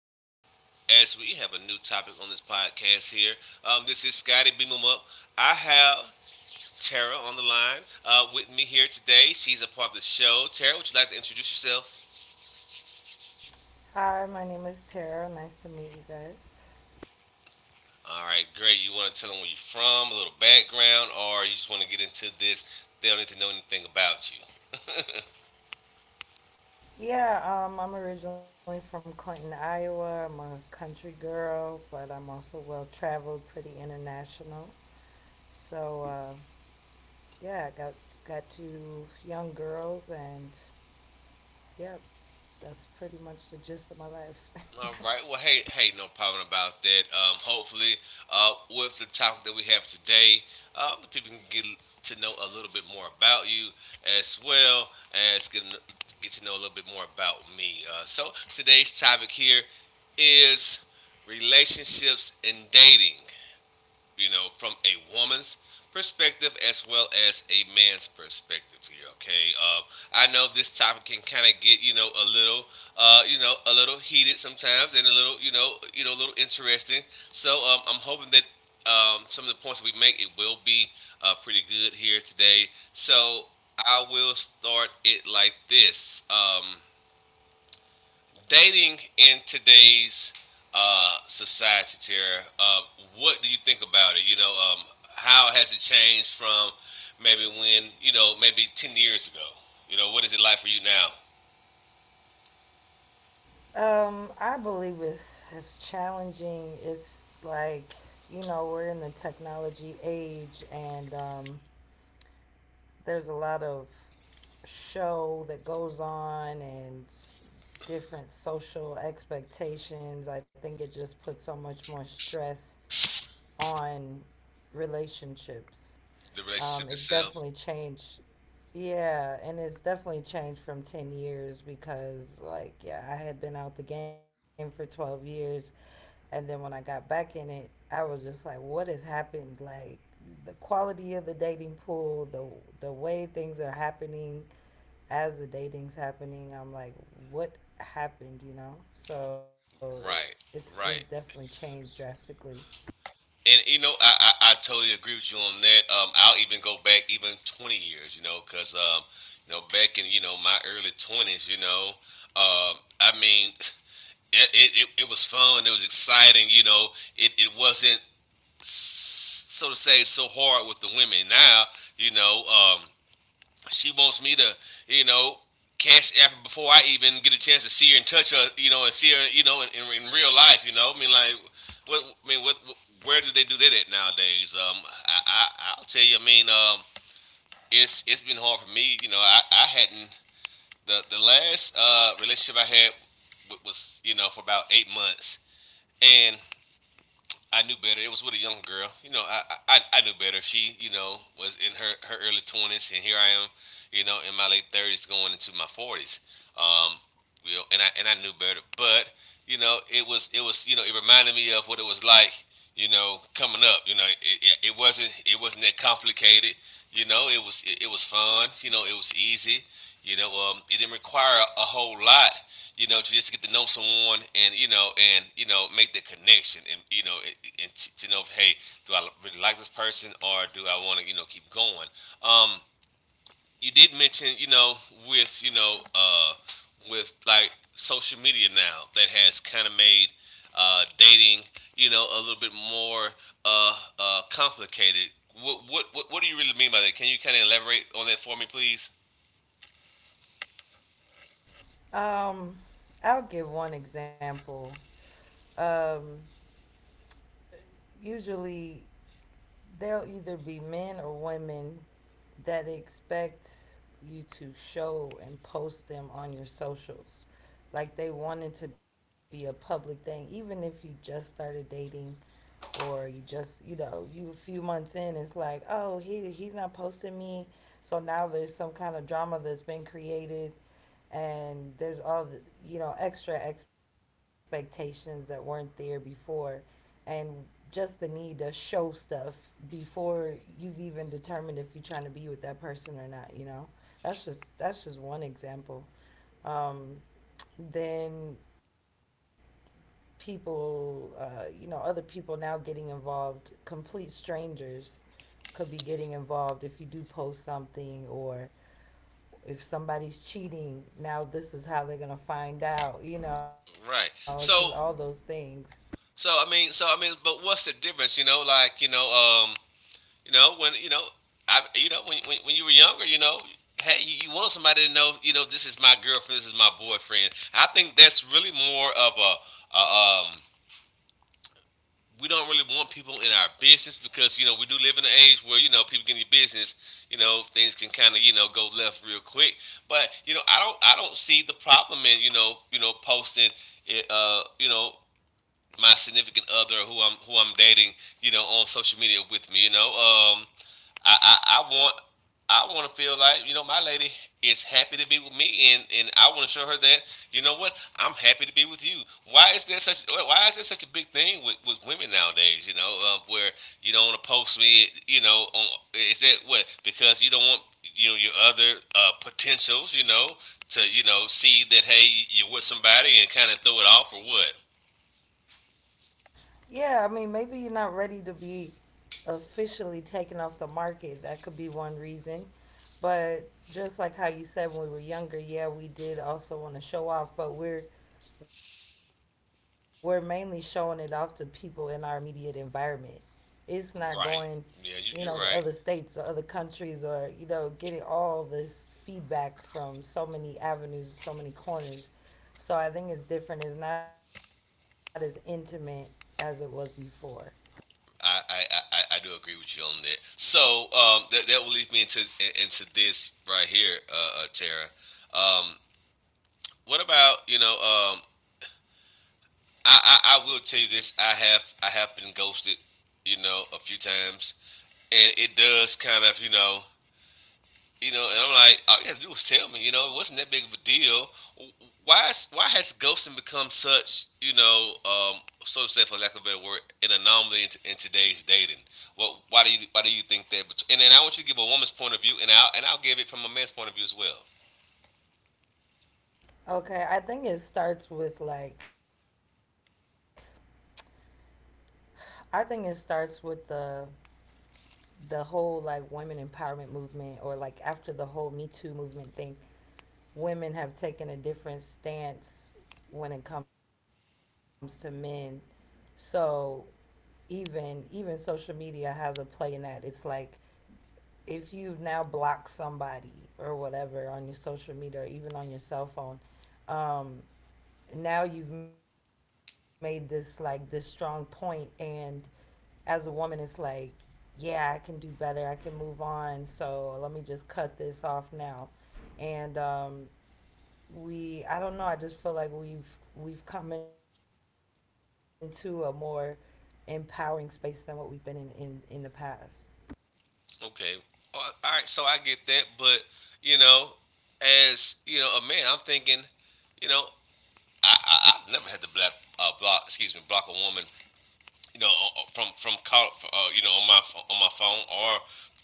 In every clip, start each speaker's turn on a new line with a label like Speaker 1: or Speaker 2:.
Speaker 1: As we have a new topic on this podcast here, this is Scotty Beam 'em Up. I have Tara on the line with me here today. She's a part of the show. Tara, would you like to introduce yourself?
Speaker 2: Hi, my name is Tara. Nice to meet you guys.
Speaker 1: All right, great. You want to tell them where you're from, a little background, or you just want to get into this? They don't need to know anything about you.
Speaker 2: Yeah, I'm originally from Clinton, Iowa. I'm a country girl, but I'm also well traveled, pretty international. So, uh, yeah, I got two young girls, and yeah, that's pretty much the gist of my life.
Speaker 1: All right. Well, hey, no problem about that. Hopefully, with the topic that we have today, the people can get to know a little bit more about you, as well as get to know a little bit more about me. So today's topic here is relationships and dating, from a woman's perspective as well as a man's perspective here. Okay. I know this topic can kind of get, a little, a little heated sometimes and a little, a little interesting. So, I'm hoping that some of the points that we make it will be pretty good here today. So I will start it like this. Dating in today's society, Tara, what do you think about it? How has it changed from maybe when, maybe 10 years ago? What is it like for you now?
Speaker 2: I believe it's challenging. It's like, you know, we're in the technology age, and there's a lot of show that goes on, and different social expectations. I think it just puts so much more stress on relationships.
Speaker 1: The relationship
Speaker 2: It's
Speaker 1: itself?
Speaker 2: definitely changed. Yeah, and it's definitely changed from 10 years because, like, yeah, I had been out the game for 12 years. And then when I got back in it, I was just like, what has happened? Like, the quality of the dating pool, the way things are happening, as the dating's happening, I'm like, what happened, you know? So it's
Speaker 1: Right,
Speaker 2: definitely
Speaker 1: right.
Speaker 2: changed drastically.
Speaker 1: And I totally agree with you on that. I'll even go back even 20 years, because, back in, my early 20s, I mean, it was fun. It was exciting. It wasn't so to say so hard with the women. Now, you know, um, she wants me to, you know, cash app her before I even get a chance to see her and touch her. And see her. In real life. I mean, like, what? I mean, what? Where do they do that at nowadays? I will tell you. I mean, it's been hard for me. You know, I hadn't the last relationship I had was, for about 8 months, and I knew better. It was with a young girl. I knew better. She, was in her early 20s, and here I am, in my late 30s, going into my 40s. Um, and I knew better, but, it was, it reminded me of what it was like, coming up. Yeah, it wasn't that complicated. It was fun. It was easy. It didn't require a whole lot. To just get to know someone, and, and, make the connection, and, and to know, hey, do I really like this person or do I want to, keep going? Um, you did mention, with, with like social media now that has kind of made dating, a little bit more, complicated. What do you really mean by that? Can you kind of elaborate on that for me, please?
Speaker 2: Um, I'll give one example. Um, usually there'll either be men or women that expect you to show and post them on your socials. Like, they want it to be a public thing, even if you just started dating, or you just you know you a few months in, it's like, oh, he's not posting me, so now there's some kind of drama that's been created, and there's all the, you know, extra expectations that weren't there before, and just the need to show stuff before you've even determined if you're trying to be with that person or not, that's just one example. um, then other people now getting involved, complete strangers could be getting involved if you do post something, or if somebody's cheating, now this is how they're going to find out. You know, it's
Speaker 1: Right.
Speaker 2: just all those
Speaker 1: So
Speaker 2: things.
Speaker 1: I mean, but what's the difference? Um, You know, when you know, I you know when, you were younger, hey, you want somebody to know, this is my girlfriend, this is my boyfriend. I think that's really more of a we don't really want people in our business, because, we do live in an age where, people get in your business, things can kind of, go left real quick. But, I don't see the problem in, posting it, my significant other, who I'm dating, on social media with me. I, I I want I want to feel like, my lady is happy to be with me, and, I want to show her that, what I'm happy to be with you. Why is there such, a big thing with, women nowadays? Where you don't want to post me. On, is that what, because you don't want, your other potentials. To see that, hey, you're with somebody and kind of throw it off or what.
Speaker 2: Yeah, I mean, maybe you're not ready to be officially taken off the market. That could be one reason. But just like how you said, when we were younger, yeah, we did also want to show off, but we're mainly showing it off to people in our immediate environment. It's not going, you
Speaker 1: Right.
Speaker 2: know, to
Speaker 1: Yeah,
Speaker 2: other
Speaker 1: you're
Speaker 2: states or
Speaker 1: right.
Speaker 2: other countries, or, you know, getting all this feedback from so many avenues, so many corners. So I think it's different. It's not as intimate as it was before.
Speaker 1: I do agree with you on that. So, that will lead me into, into this right here, Tara. Um, what about, you know? I will tell you this. I have been ghosted, a few times, and it does kind of, and I'm like, all you have to do is tell me. It wasn't that big of a deal. Why has ghosting become such, so to say, for lack of a better word, an anomaly in, in today's dating? Well, why do you think that? And then I want you to give a woman's point of view, and I'll give it from a man's point of view as well.
Speaker 2: Okay, I think it starts with the whole, like, women empowerment movement, or like after the whole Me Too movement thing. Women have taken a different stance when it comes to men. So, even social media has a play in that. It's like, if you've now blocked somebody or whatever on your social media or even on your cell phone, um, now you've made this, like, this strong point. And as a woman, it's like, yeah, I can do better, I can move on, so let me just cut this off now. And we, I don't know, I just feel like we've come into a more empowering space than what we've been in in the past.
Speaker 1: Okay, all right. So I get that, but, you know, as, a man, I'm thinking, you know, I've never had to black, block, excuse me, block a woman, you know, from on my phone or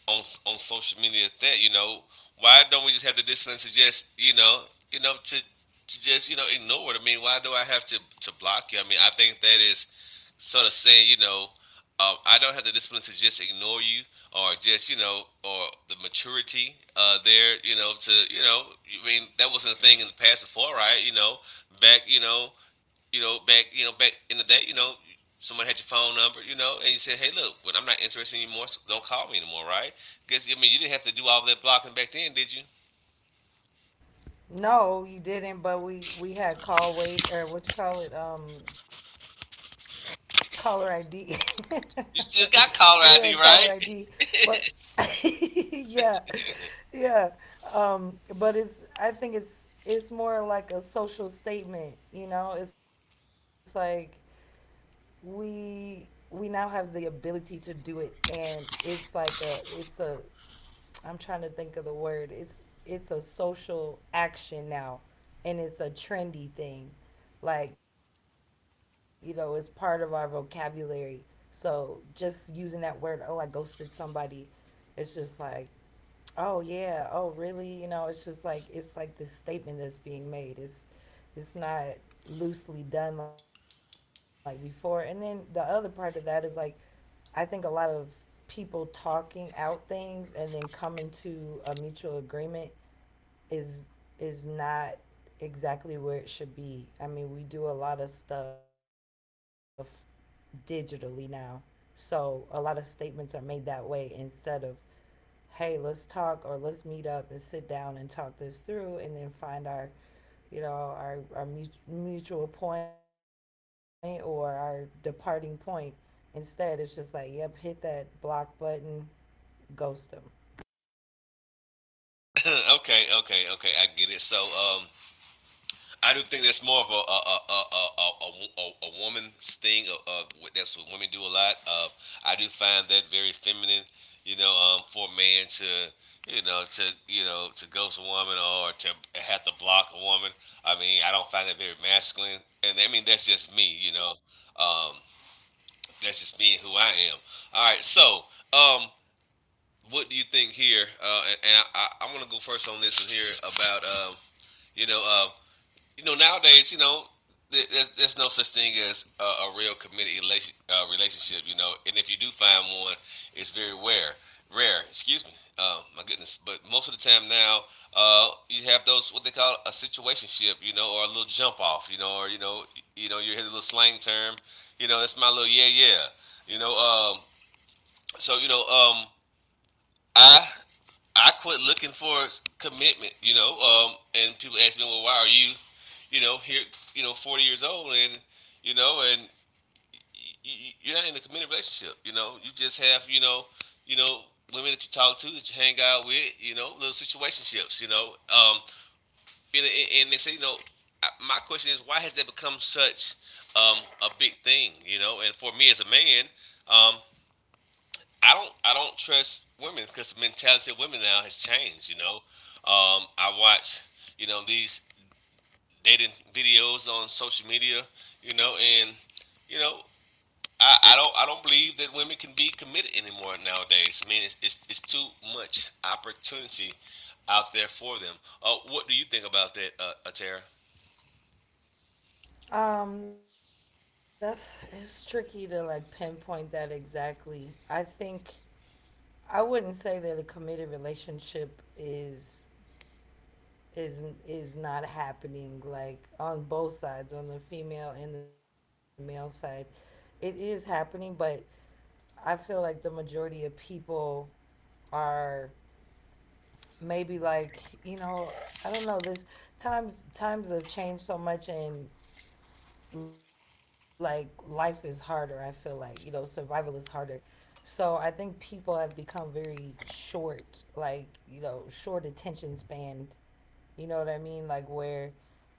Speaker 1: on, on social media. At That, why don't we just have the discipline to just, to, just, ignore it? I mean, why do I have to block you? I mean, I think that is sort of saying, I don't have the discipline to just ignore you, or just, or the maturity, there, I mean, that wasn't a thing in the past before, right? Back, you know, back in the day, someone had your phone number, and you said, "Hey, look, when I'm not interested anymore, so don't call me anymore." Right? Guess, I mean, you didn't have to do all that blocking back then, did you?
Speaker 2: No, you didn't, but we had call wait, or what you call it, caller ID. We had caller
Speaker 1: You still
Speaker 2: ID,
Speaker 1: got caller
Speaker 2: but
Speaker 1: ID, right?
Speaker 2: yeah. Yeah. But it's, I think it's more like a social statement, you know? It's like, we now have the ability to do it, and it's like a, I'm trying to think of the word, it's a social action now, and it's a trendy thing. Like, you know, it's part of our vocabulary. So just using that word, oh, I ghosted somebody, it's just like, oh yeah. Oh really? You know, it's just like, it's like this statement that's being made. It's not loosely done like before. And then the other part of that is, like, I think a lot of people talking out things and then coming to a mutual agreement is is not exactly where it should be. I mean, we do a lot of stuff digitally now. So a lot of statements are made that way instead of, hey, let's talk, or let's meet up and sit down and talk this through, and then find our mutual point or our departing point. Instead, it's just like, yep, hit that block button, ghost them.
Speaker 1: Okay, okay, okay. I get it. So, I do think that's more of a woman's thing. That's what women do a lot. I do find that very feminine. For a man to, to, to ghost a woman or to have to block a woman. I mean, I don't find that very masculine. And I mean, that's just me. Um, that's just me and who I am. All right, so, um, what do you think here? And I'm gonna go first on this one here about, you know. Nowadays, there's no such thing as a real committed, relationship, you know. And if you do find one, it's very rare. Rare, excuse me. My goodness. But most of the time now, you have those what they call a situationship, or a little jump off, you know, or you know, you know, you hear the little slang term, that's my little, yeah, yeah, you know. Um, so, I I quit looking for commitment. And people ask me, well, why are you, here, 40 years old, and, you know, and y- you're not in a committed relationship, you know. You just have, you know, women that you talk to, that you hang out with, little situationships. And, and they say, my question is, why has that become such, a big thing, you know? And for me as a man, um, I don't trust women because the mentality of women now has changed. I watch, these dating videos on social media. And you know I don't believe that women can be committed anymore nowadays. I mean, it's too much opportunity out there for them. What do you think about that, Atara?
Speaker 2: That's it's tricky to, like, pinpoint that exactly. I think, I wouldn't say that a committed relationship is, is is not happening, like, on both sides, on the female and the male side. It is happening, but I feel like the majority of people are, maybe, like, you know, I don't know, this, times have changed so much, and like, life is harder. I feel like, you know, survival is harder. So I think people have become very short, like, you know, short attention span. You know what I mean? Like, where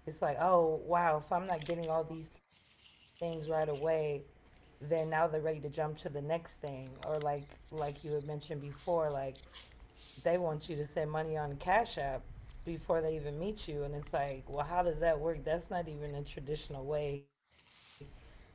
Speaker 2: it's like, oh wow, if I'm not getting all these things right away, then now they're ready to jump to the next thing. Or, like you had mentioned before, like, they want you to send money on Cash App before they even meet you, and it's like, well, how does that work? That's not even a traditional way of how,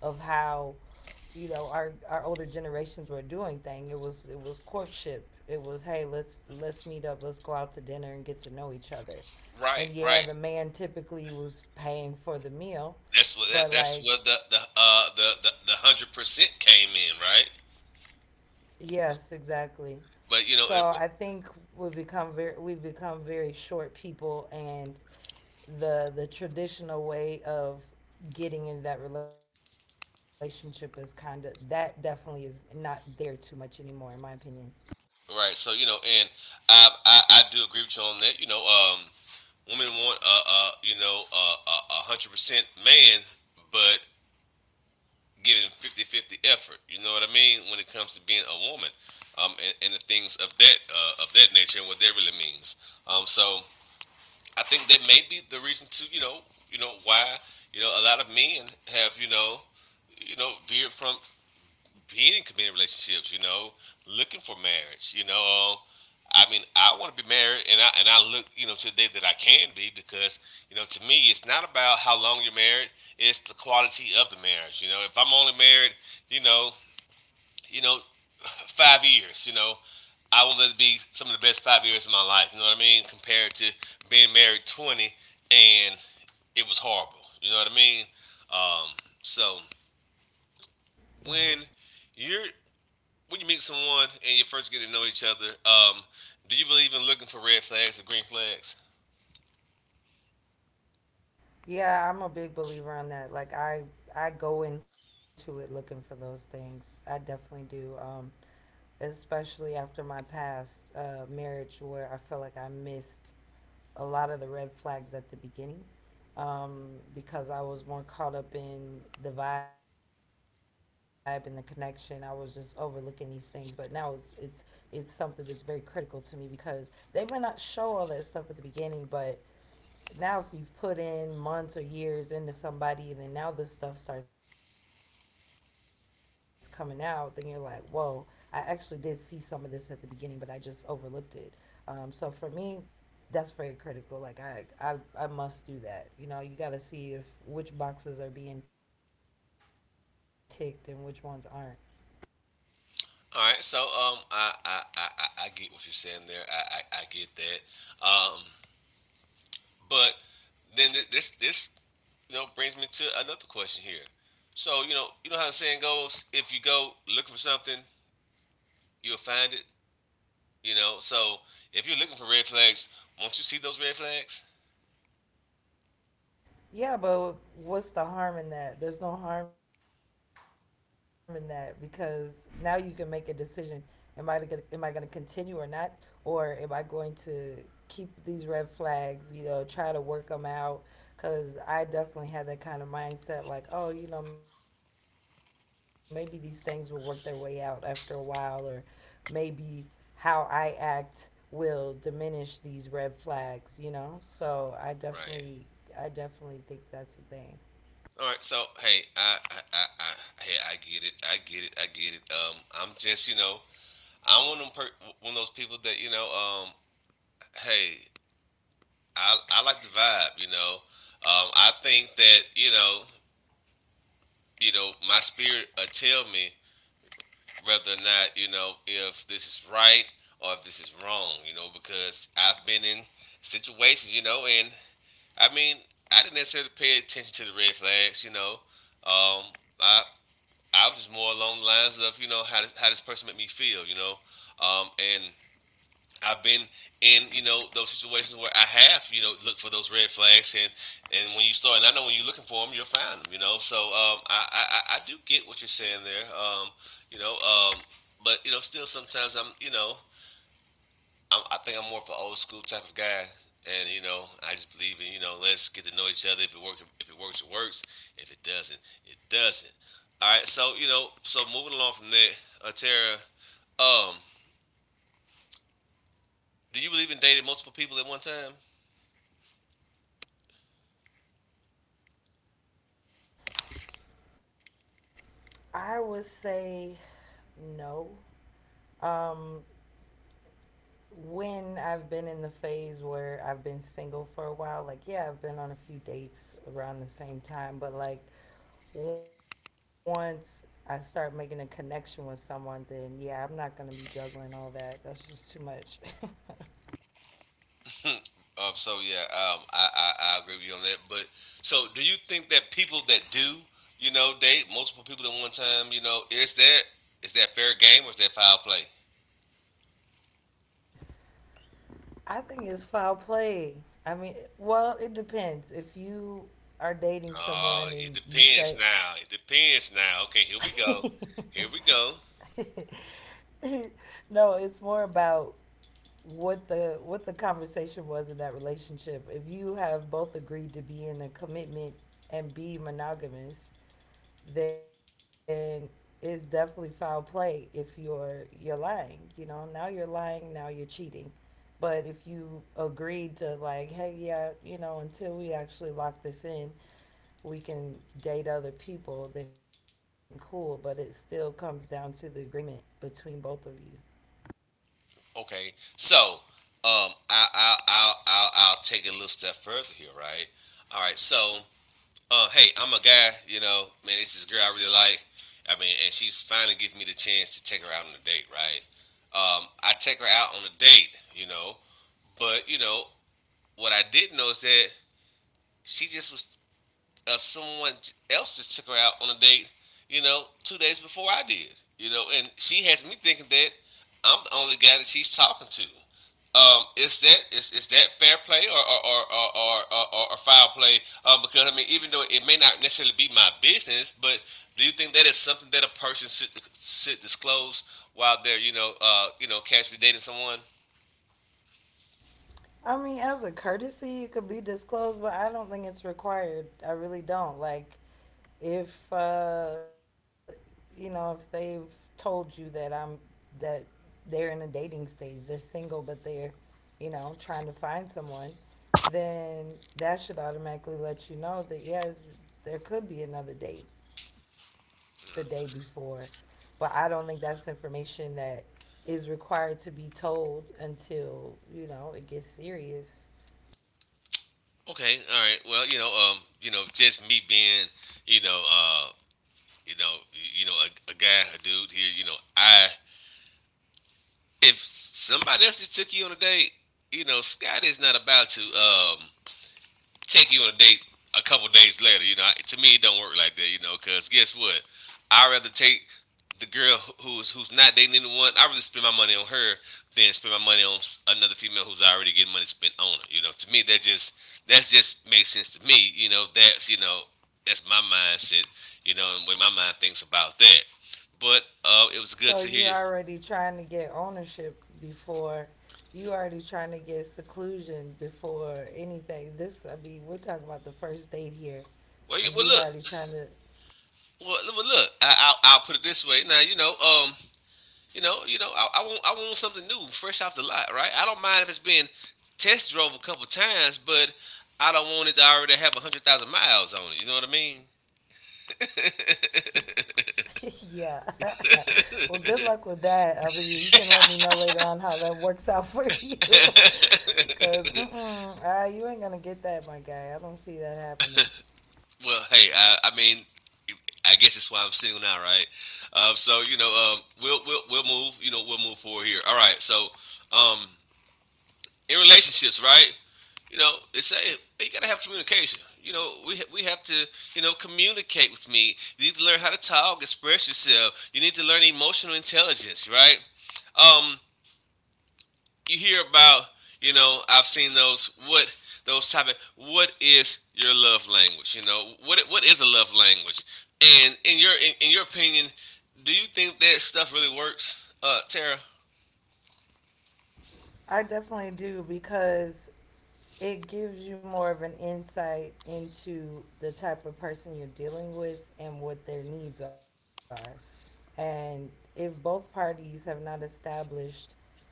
Speaker 2: you know, our older generations were doing thing. It was, it was courtship. It was, hey, let's meet up, let's go out to dinner and get to know each other.
Speaker 1: Right,
Speaker 2: And yeah,
Speaker 1: right.
Speaker 2: the man typically was paying for the meal, but,
Speaker 1: That's
Speaker 2: like,
Speaker 1: where the the 100% came in, right?
Speaker 2: yes, exactly. So
Speaker 1: But you know,
Speaker 2: I
Speaker 1: it,
Speaker 2: think we've become very short people, and the traditional way of getting into that relationship is kind of, that definitely is not there too much anymore, in my opinion.
Speaker 1: Right. So you know, and I do agree with you on that. You know, women want a hundred percent man, but giving 50 50 effort. You know what I mean, when it comes to being a woman, and the things of that nature and what that really means. So I think that may be the reason to why a lot of men have veered from being in committed relationships, you know, looking for marriage, you know. I mean, I want to be married, and I look, you know, to the day that I can be, because you know, to me, it's not about how long you're married; it's the quality of the marriage. You know, if I'm only married, you know, you know, 5 years, you know, I want it to be some of the best 5 years of my life. You know what I mean? Compared to being married 20 and it was horrible. You know what I mean? Um, so
Speaker 2: Yeah,
Speaker 1: when you're when you meet someone and you first get to know each other, do you believe in looking for red flags or green flags?
Speaker 2: yeah, I'm a big believer on that. I go into it looking for those things. I definitely do. Especially after my past marriage, where I feel like I missed a lot of the red flags at the beginning, because I was more caught up in the vibe and the connection. I was just overlooking these things, but now it's something that's very critical to me, because they might not show all that stuff at the beginning, but now if you've put in months or years into somebody and then now this stuff starts coming out, then you're like, whoa, I actually did see some of this at the beginning, but I just overlooked it. So for me, that's very critical. Like, I must do that. You know, you got to see if which boxes are being ticked and which ones aren't.
Speaker 1: All right, so I get what you're saying there. I get that. But then this this brings me to another question here. So you know how the saying goes: if you go looking for something, you'll find it. You know, so if you're looking for red flags, won't you see those red flags?
Speaker 2: Yeah, but what's the harm in that? There's no harm in that because now you can make a decision. Am I gonna continue or not, or am I going to keep these red flags? You know, try to work them out. Cause I definitely had that kind of mindset, like, oh, you know, maybe these things will work their way out after a while, or maybe how I act will diminish these red flags. You know, so
Speaker 1: Right.
Speaker 2: I definitely think that's a thing.
Speaker 1: All right, so hey, hey, I get it, I get it, I get it. I'm just, you know, I'm one of those people that, you know, hey, I like the vibe, you know. I think that, you know, my spirit tell me whether or not, you know, if this is right or if this is wrong, you know, because I've been in situations, you know, and I mean, I didn't necessarily pay attention to the red flags, you know. Um, I, I was just more along the lines of you know how does, how this person make me feel, you know, um, and I've been in those situations where I have looked for those red flags, and when you start, and I know when you're looking for them, you'll find them, you know. So do get what you're saying there, you know, but you know still sometimes I think I'm more of an old school type of guy, and you know, I just believe in, let's get to know each other. If it works, it works. If it doesn't, it doesn't. All right. So you know, so moving along from there, Tara, um, do you believe in dating multiple people at one time?
Speaker 2: I would say no. Um, when I've been in the phase where I've been single for a while, like, yeah, I've been on a few dates around the same time, but, like, once I start making a connection with someone, then yeah, I'm not gonna be juggling all that. That's just too much.
Speaker 1: So yeah, I I agree with you on that. But so, do you think that people that do, you know, date multiple people at one time, you know, is that fair game or is that foul play?
Speaker 2: I think it's foul play. I mean, well, it depends. If you are dating
Speaker 1: Oh,
Speaker 2: someone
Speaker 1: it
Speaker 2: and you
Speaker 1: depends
Speaker 2: say,
Speaker 1: now. It depends now. Okay, here we go. Here we go.
Speaker 2: no, it's more about what the conversation was in that relationship. If you have both agreed to be in a commitment and be monogamous, then it's definitely foul play if you're lying, you know. Now you're lying, now you're cheating. But if you agreed to, like, hey, yeah, you know, until we actually lock this in, we can date other people, then cool. But it still comes down to the agreement between both of you.
Speaker 1: Okay, so I'll take it a little step further here, right? All right, so hey, I'm a guy. You know, man, it's this girl I really like. I mean, and she's finally giving me the chance to take her out on a date, right? I take her out on a date, you know, but you know what I didn't know is that she just was someone else just took her out on a date, you know, 2 days before I did, you know, and she has me thinking that I'm the only guy that she's talking to. Is that fair play or foul play? Because I mean, even though it may not necessarily be my business, but do you think that is something that a person should disclose while they're you know casually dating someone?
Speaker 2: I mean, as a courtesy, it could be disclosed, but I don't think it's required. I really don't. Like, if, you know, if they've told you that that they're in a dating stage, they're single, but they're, you know, trying to find someone, then that should automatically let you know that, yeah, there could be another date the day before. But I don't think that's information that is required to be told until, you know, it gets serious.
Speaker 1: Okay, all right. Well, you know, just me being you know uh, you know, you know, a guy, a dude here, you know, I if somebody else just took you on a date, you know, Scott is not about to take you on a date a couple days later. You know, to me, it don't work like that. You know, because guess what? I'd rather take the girl who's not dating anyone. I rather spend my money on her than spend my money on another female who's already getting money spent on her. You know, to me, that just makes sense to me. You know, that's that's my mindset. You know, and when my mind thinks about that. But it was
Speaker 2: So
Speaker 1: good to hear
Speaker 2: you
Speaker 1: you.
Speaker 2: already trying to get ownership before, you already trying to get seclusion before anything. This, I mean, we're talking about the first date here, and
Speaker 1: Well
Speaker 2: you
Speaker 1: look,
Speaker 2: already trying to
Speaker 1: well look. I'll put it this way. Now, you know, You know, you know, I want I want something new, fresh off the lot, right? I don't mind if it's been test drove a couple times, but I don't want it to already have a hundred thousand miles on it. You know what I mean?
Speaker 2: yeah. Well, good luck with that. I mean, you can let me know later on how that works out for you. Because, you ain't gonna get that, my guy. I don't see that happening.
Speaker 1: Well, hey, I mean, I guess that's why I'm single now, right? So you know, we'll move. You know, we'll move forward here. All right, so um, in relationships, right? You know, they say you gotta have communication. You know, we have to communicate with me. You need to learn how to talk, express yourself. You need to learn emotional intelligence, right? Um, you hear about I've seen those what those type of what is your love language? You know what is a love language? And in your in your opinion, do you think that stuff really works, Tara?
Speaker 2: I definitely do because it gives you more of an insight into the type of person you're dealing with and what their needs are. And if both parties have not established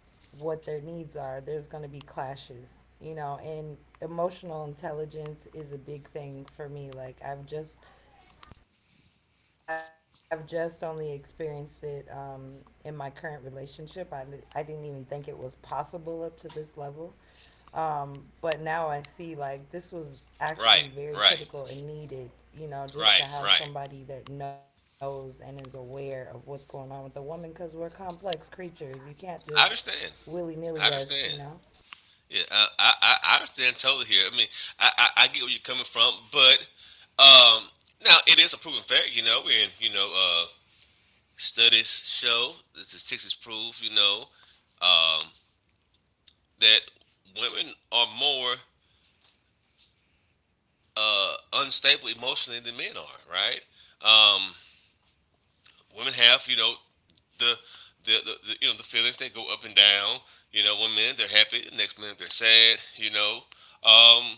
Speaker 2: what their needs are, there's going to be clashes, you know, and emotional intelligence is a big thing for me. Like I've just only experienced it in my current relationship. I didn't even think it was possible up to this level. Um, but now I see like this was actually
Speaker 1: Right,
Speaker 2: very
Speaker 1: right,
Speaker 2: critical and needed, you know, just to
Speaker 1: right,
Speaker 2: have
Speaker 1: right.
Speaker 2: somebody that knows and is aware of what's going on with the woman cuz we're complex creatures. You can't just
Speaker 1: I understand.
Speaker 2: willy-nilly
Speaker 1: I
Speaker 2: us, you
Speaker 1: understand.
Speaker 2: know.
Speaker 1: Yeah, I understand totally here. I mean, I get where you're coming from, but um, now it is a proven fact, you know, and you know, studies show the statistics prove, you know, um, that women are more unstable emotionally than men are, right? Um, women have, you know, the, the you know the feelings that go up and down. You know, one minute they're happy, the next minute they're sad. You know, um,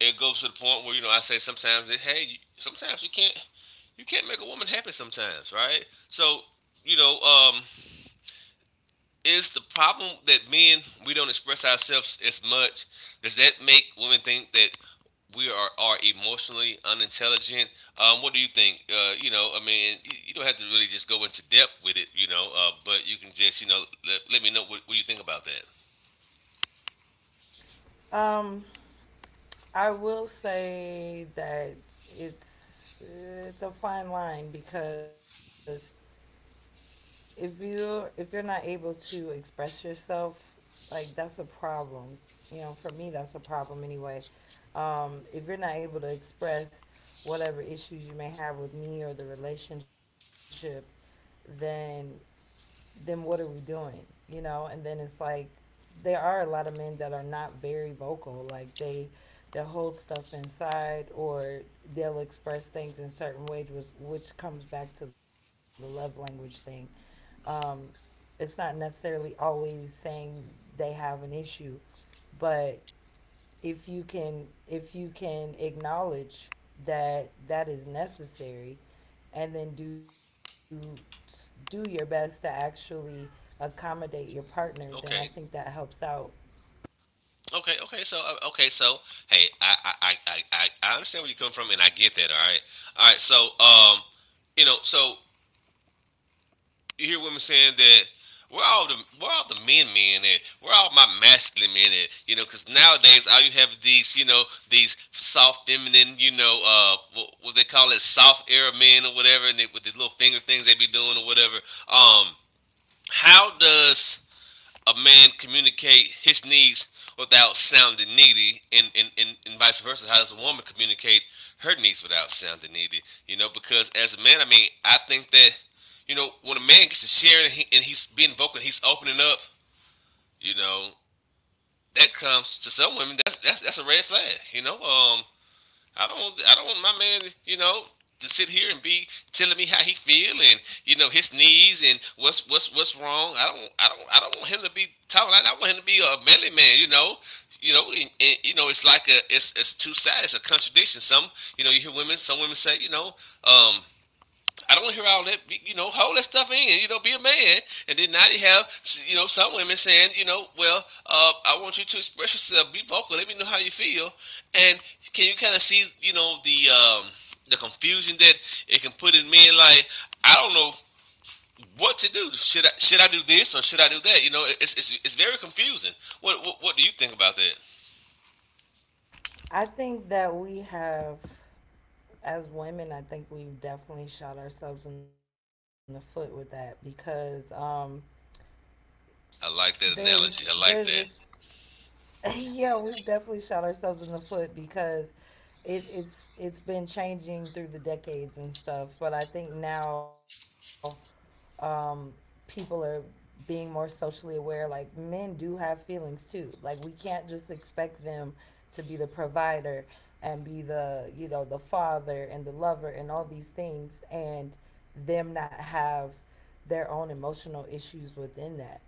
Speaker 1: it goes to the point where you know I say sometimes that hey, sometimes you can't make a woman happy sometimes, right? So you know, is the problem that men we don't express ourselves as much? Does that make women think that we are emotionally unintelligent? What do you think? You know, I mean, you don't have to really just go into depth with it, you know, but you can just let, let me know what you think about that.
Speaker 2: Um, I will say that it's a fine line because if you're not able to express yourself, like that's a problem. You know, for me that's a problem anyway. If you're not able to express whatever issues you may have with me or the relationship, then what are we doing? You know, and then it's like there are a lot of men that are not very vocal. Like they'll hold stuff inside or they'll express things in certain ways which comes back to the love language thing. Um, it's not necessarily always saying they have an issue, but if you can acknowledge that that is necessary and then do your best to actually accommodate your partner, then I think that
Speaker 1: Okay.
Speaker 2: helps out.
Speaker 1: Okay, so hey, I understand where you come from, and I get that. All right, all right. So you know, so you hear women saying that we're all the we're all the men men and we're all my masculine men and you know because nowadays all you have these you know these soft feminine you know what they call it soft era men or whatever and they, with the little finger things they be doing or whatever um how does a man communicate his needs without sounding needy and vice versa? How does a woman communicate her needs without sounding needy? You know, because as a man, I mean, I think that, you know, when a man gets to sharing and he's being vocal he's opening up, you know, that comes to some women, that's a red flag, you know? I don't want my man, you know, to sit here and be telling me how he feel and you know his needs and what's wrong. I don't want him to be talking. I want him to be a manly man. You know, and, you know, it's like a, it's two sides, a contradiction. Some, you know, you hear women, some women say, um, I don't hear all that. You know, hold that stuff in. You know, be a man. And then now you have, you know, some women saying, you know, well, I want you to express yourself, be vocal, let me know how you feel. And can you kind of see, you know, the the confusion that it can put in men? Like, I don't know what to do. Should I do this or should I do that? You know, it's very confusing. What do you think about that?
Speaker 2: I think that we have, as women, I think we've definitely shot ourselves in the foot with that because
Speaker 1: I
Speaker 2: there's
Speaker 1: like that
Speaker 2: there's
Speaker 1: analogy. I
Speaker 2: this.
Speaker 1: like that.
Speaker 2: Yeah, we've definitely shot ourselves in the foot because it's been changing through the decades and stuff, but I think now, um, people are being more socially aware. Like men do have feelings too. Like we can't just expect them to be the provider and be the, you know, the father and the lover and all these things, and them not have their own emotional issues within that.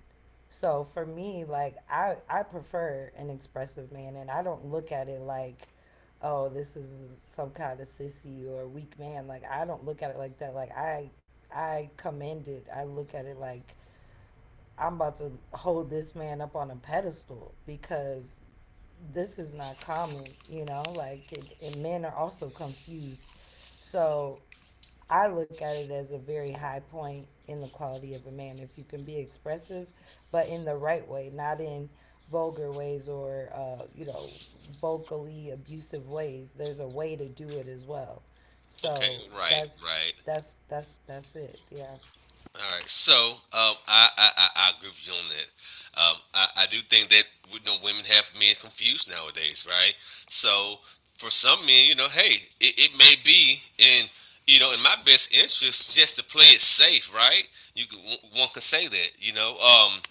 Speaker 2: So for me, like I prefer an expressive man, and I don't look at it like, oh, this is some kind of sissy or weak man. Like I don't look at it like that. Like I commend it. I look at it like I'm about to hold this man up on a pedestal because this is not common. You know, like it, and men are also confused. So I look at it as a very high point in the quality of a man if you can be expressive, but in the right way, not in vulgar ways or you know, vocally abusive ways. There's a way to do it as well.
Speaker 1: Okay,
Speaker 2: So
Speaker 1: right,
Speaker 2: that's
Speaker 1: right.
Speaker 2: that's it. Yeah.
Speaker 1: All right, so I agree with you on that. I do think that you know women have men confused nowadays, right? So for some men, you know, hey, it may be in you know in my best interest just to play it safe, right? You can, one can say that, you know.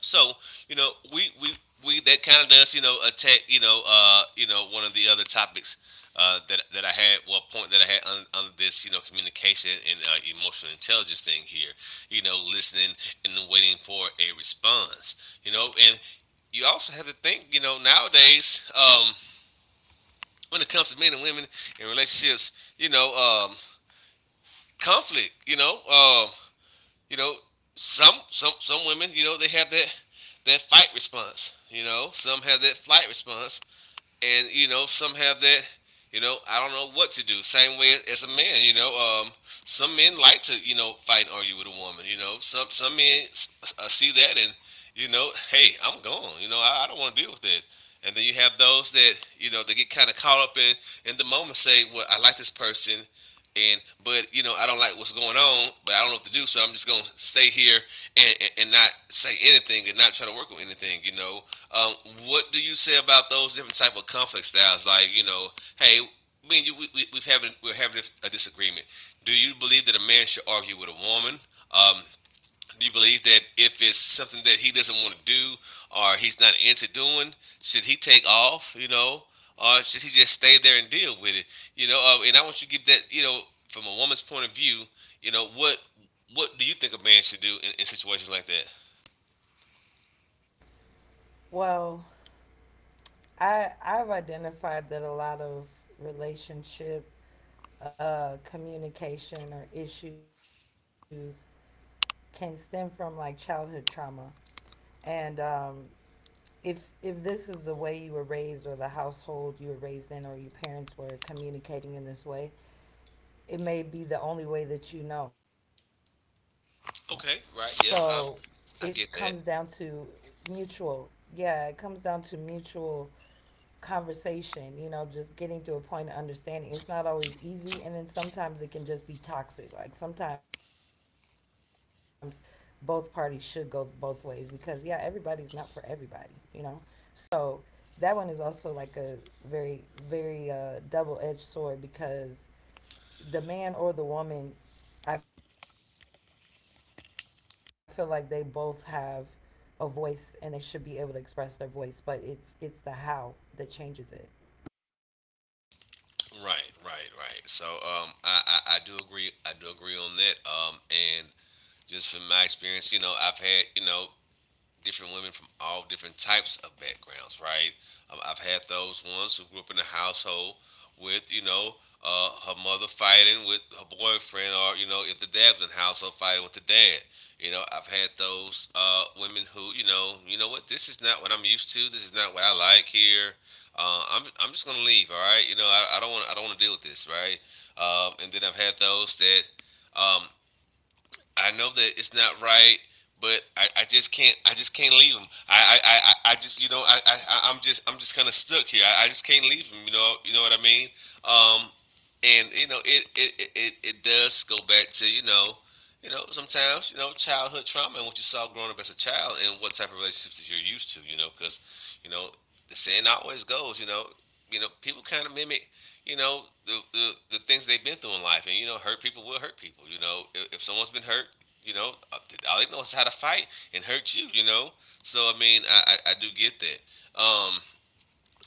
Speaker 1: So you know, we that kind of does you know attack you know one of the other topics that I had well point that I had on this you know communication and emotional intelligence thing here. You know, listening and waiting for a response. You know, and you also have to think. You know, nowadays when it comes to men and women and relationships, you know, conflict. You know, some women, you know, they have that fight response. You know, some have that flight response, and you know, some have that. You know, I don't know what to do. Same way as a man. You know, some men like to you know fight and argue with a woman. You know, some men see that and you know, hey, I'm gone. You know, I don't want to deal with it. And then you have those that you know they get kind of caught up in the moment. Say, well, I like this person and but you know I don't like what's going on, but I don't know what to do, so I'm just gonna stay here and and not say anything and not try to work on anything. You know, um, what do you say about those different type of conflict styles? Like you know, hey, me and you we're having a disagreement. Do you believe that a man should argue with a woman? Um, do you believe that if it's something that he doesn't want to do or he's not into doing, should he take off, you know, or should he just stay there and deal with it, you know? And I want you to give that, you know, from a woman's point of view, you know, what do you think a man should do in situations like that?
Speaker 2: Well, I've identified that a lot of relationship communication or issues can stem from like childhood trauma, and if this is the way you were raised or the household you were raised in or your parents were communicating in this way, it may be the only way that you know. So it
Speaker 1: Okay,
Speaker 2: comes
Speaker 1: right, yeah,
Speaker 2: down to
Speaker 1: I get that.
Speaker 2: mutual, yeah, it comes down to mutual conversation, you know, just getting to a point of understanding. It's not always easy, and then sometimes it can just be toxic. Like sometimes both parties should go both ways because yeah, everybody's not for everybody, you know. So that one is also like a very very double-edged sword because the man or the woman, I feel like they both have a voice and they should be able to express their voice, but it's the how that changes it.
Speaker 1: Right, right, right. So I do agree. I do agree on that. And just from my experience, you know, I've had you know different women from all different types of backgrounds, right? I've had those ones who grew up in a household with, you know, her mother fighting with her boyfriend, or you know, if the dad was in the household fighting with the dad. You know, I've had those women who, you know what, this is not what I'm used to. This is not what I like here. I'm just gonna leave. All right, you know, I don't want to deal with this, right? And then I've had those that um, I know that it's not right, but I just can't leave him. I just you know I I'm just kind of stuck here. I just can't leave him. You know what I mean. Um, and you know it does go back to you know sometimes you know childhood trauma and what you saw growing up as a child and what type of relationships that you're used to. You know because you know the saying always goes you know people kind of mimic you know the things they've been through in life, and you know, hurt people will hurt people. You know, if someone's been hurt, you know, all they know is how to fight and hurt you. You know, so I mean, I do get that. Um,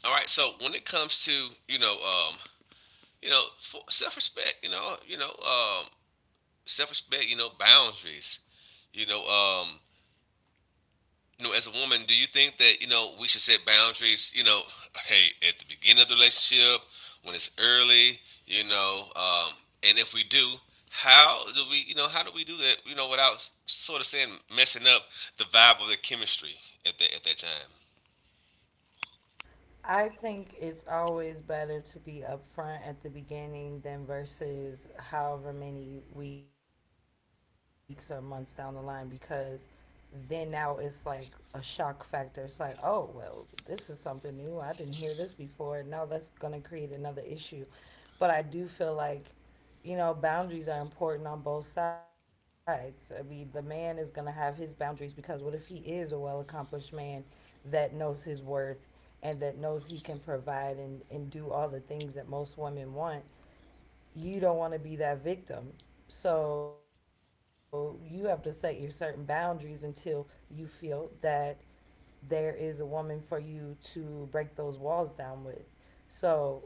Speaker 1: all right, so when it comes to you know, um, you know, self respect, you know, self respect, you know, boundaries, you know, um, you know, as a woman, do you think that you know we should set boundaries? You know, hey, at the beginning of the relationship, when it's early, you know, and if we do, how do we, you know, how do we do that? You know, without sort of saying messing up the vibe of the chemistry at that time.
Speaker 2: I think it's always better to be upfront at the beginning than versus however many weeks or months down the line because then now it's like a shock factor. It's like, oh, well, this is something new. I didn't hear this before. Now that's going to create another issue. But I do feel like, you know, boundaries are important on both sides. I mean, the man is going to have his boundaries because what if he is a well accomplished man that knows his worth and that knows he can provide and, do all the things that most women want? You don't want to be that victim. So you have to set your certain boundaries until you feel that there is a woman for you to break those walls down with. So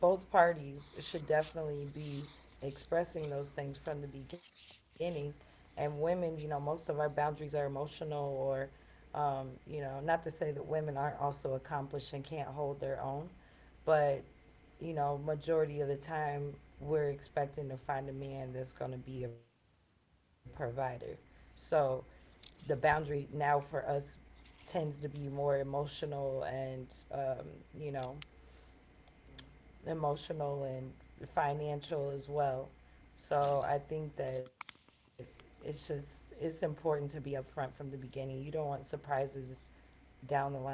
Speaker 2: both parties should definitely be expressing those things from the beginning. And women, you know, most of our boundaries are emotional or, you know, not to say that women aren't also accomplished and can't hold their own, but you know, majority of the time we're expecting to find a man that's going to be a provider. So the boundary now for us tends to be more emotional and, um, you know, emotional and financial as well. So I think that it's just it's important to be upfront from the beginning. You don't want surprises down the line.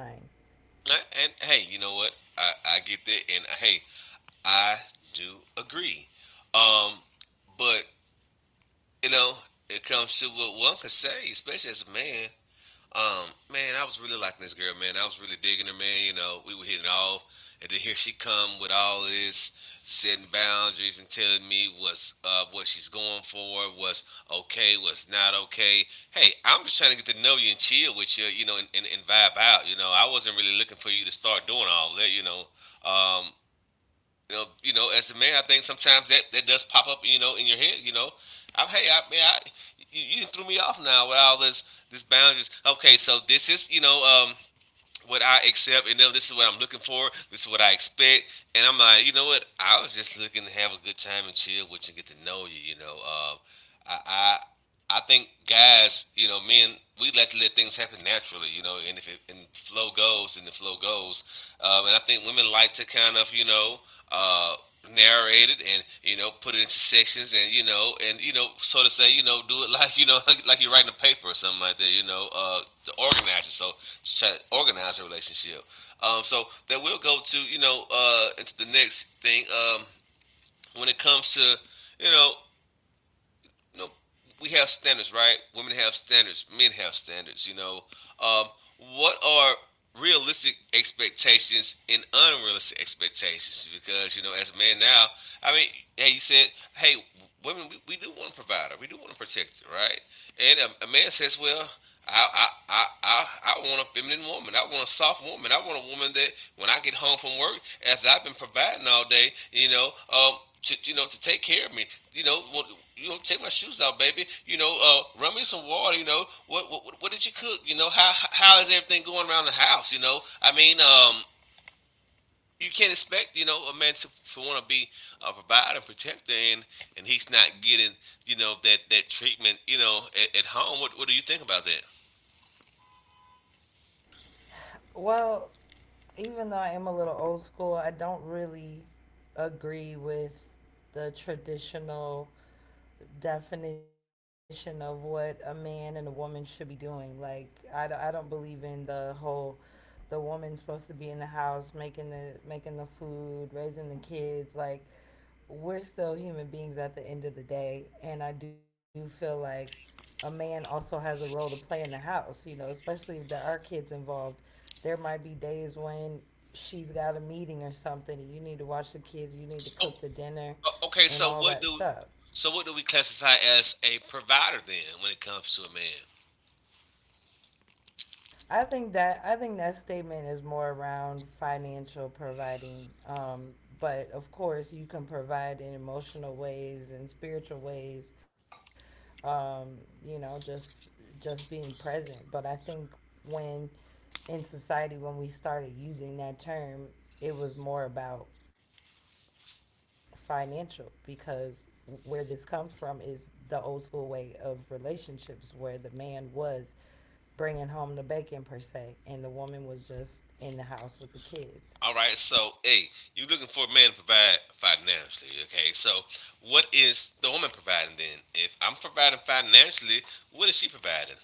Speaker 1: And hey, you know what? I get that, and hey, I do agree. Um, but you know, it comes to what one could say, especially as a man. Man, I was really liking this girl, man. I was really digging her, man. You know, we were hitting it off, and then here she come with all this setting boundaries and telling me what's what she's going for, what's okay, what's not okay. Hey, I'm just trying to get to know you and chill with you, you know, and vibe out. You know, I wasn't really looking for you to start doing all that. Um, you know, as a man, I think sometimes that does pop up, you know, in your head. You know, I'm hey, I mean, you threw me off now with all this boundaries. Okay, so this is you know what I accept, and then this is what I'm looking for. This is what I expect, and I'm like, you know what? I was just looking to have a good time and chill with you and get to know you. You know, I, I I think guys, you know, men, we like to let things happen naturally, you know, and if it and flow goes, then the flow goes. And I think women like to kind of, you know, uh, narrate it and you know put it into sections and you know sort of say you know do it like you know like you're writing a paper or something like that you know to organize it so just try to organize a relationship so that will go to you know into the next thing when it comes to you know you know, we have standards, right? Women have standards, men have standards. You know, um, what are realistic expectations and unrealistic expectations? Because you know, as men now, I mean, hey, you said, hey, women, we do want to provide her, we do want to protect her, right? And a man says, well. I, I, I, I, I want a feminine woman. I want a soft woman. I want a woman that when I get home from work, after I've been providing all day, you know, to, you know, to take care of me. You know, well, you know, take my shoes out, baby. You know, run me some water. You know, what did you cook? You know, how is everything going around the house? You know, I mean, you can't expect you know a man to want to be a provider and protector, and he's not getting you know that treatment. You know, at home. What do you think about that?
Speaker 2: Well, even though I am a little old school, I don't really agree with the traditional definition of what a man and a woman should be doing. Like, I don't believe in the whole the woman's supposed to be in the house making the food, raising the kids. Like, we're still human beings at the end of the day, and I do feel like a man also has a role to play in the house. You know, especially if there are kids involved, there might be days when she's got a meeting or something and you need to watch the kids, you need to
Speaker 1: Oh,
Speaker 2: cook the dinner
Speaker 1: okay.
Speaker 2: and all that stuff.
Speaker 1: So what do we classify as a provider then when it comes to a man?
Speaker 2: I think that statement is more around financial providing. But of course, you can provide in emotional ways and spiritual ways. Um, you know, just being present. But I think when in society when we started using that term, it was more about financial because where this comes from is the old school way of relationships where the man was bringing home the bacon, per se, and the woman was just in the house with the kids.
Speaker 1: All right, so hey, you are looking for a man to provide financially, okay? So what is the woman providing then? If I'm providing financially, what is she providing?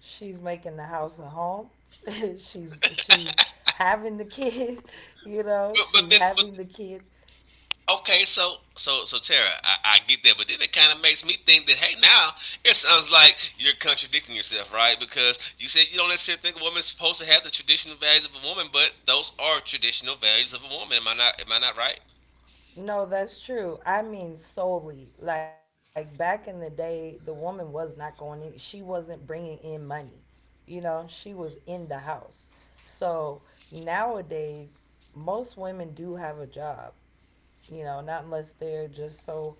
Speaker 2: She's making the house a home. She's having the kids. You know,
Speaker 1: But
Speaker 2: she's
Speaker 1: then but
Speaker 2: having the kids.
Speaker 1: okay, so so Tara, I get that, but then it kind of makes me think that hey, now it sounds like you're contradicting yourself, right? Because you said you don't necessarily think a woman's supposed to have the traditional values of a woman, but those are traditional values of a woman. Am I not? Am I not right?
Speaker 2: No, that's true. I mean solely. Like back in the day, the woman was not going in. She wasn't bringing in money. You know, she was in the house. So nowadays, most women do have a job, you know, not unless they're just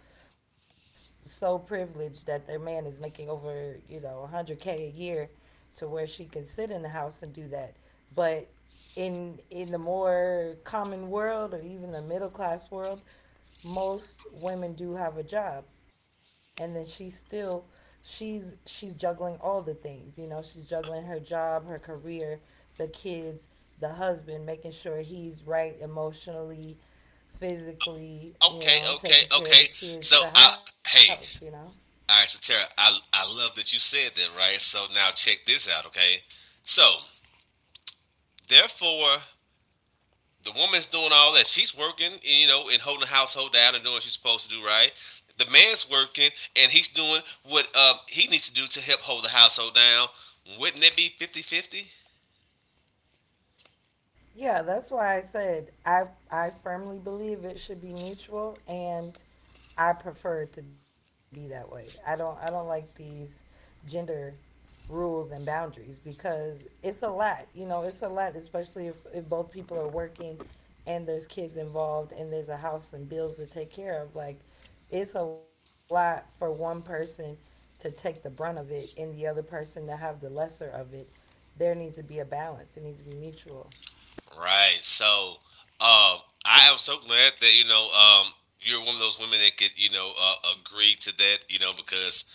Speaker 2: so privileged that their man is making over, you know, 100K a year to where she can sit in the house and do that. But in the more common world or even the middle class world, most women do have a job, and then she's still, she's juggling all the things. You know, she's juggling her job, her career, the kids, the husband, making sure he's right emotionally, physically, you
Speaker 1: Okay,
Speaker 2: know,
Speaker 1: okay,
Speaker 2: taking care of the
Speaker 1: okay.
Speaker 2: kids,
Speaker 1: So
Speaker 2: the
Speaker 1: I
Speaker 2: house, you know.
Speaker 1: hey, all right, so Tara, I love that you said that, right? So now check this out, okay? So, therefore, the woman's doing all that. She's working, you know, and holding the household down and doing what she's supposed to do, right? The man's working and he's doing what he needs to do to help hold the household down. Wouldn't it be fifty-fifty?
Speaker 2: Yeah, that's why I said I firmly believe it should be mutual, and I prefer it to be that way. I don't like these gender rules and boundaries because it's a lot, you know, it's a lot especially if, both people are working and there's kids involved and there's a house and bills to take care of, like it's a lot for one person to take the brunt of it and the other person to have the lesser of it. There needs to be a balance. It needs to be mutual.
Speaker 1: Right. Um, I am so glad that you're one of those women that could agree to that. You know because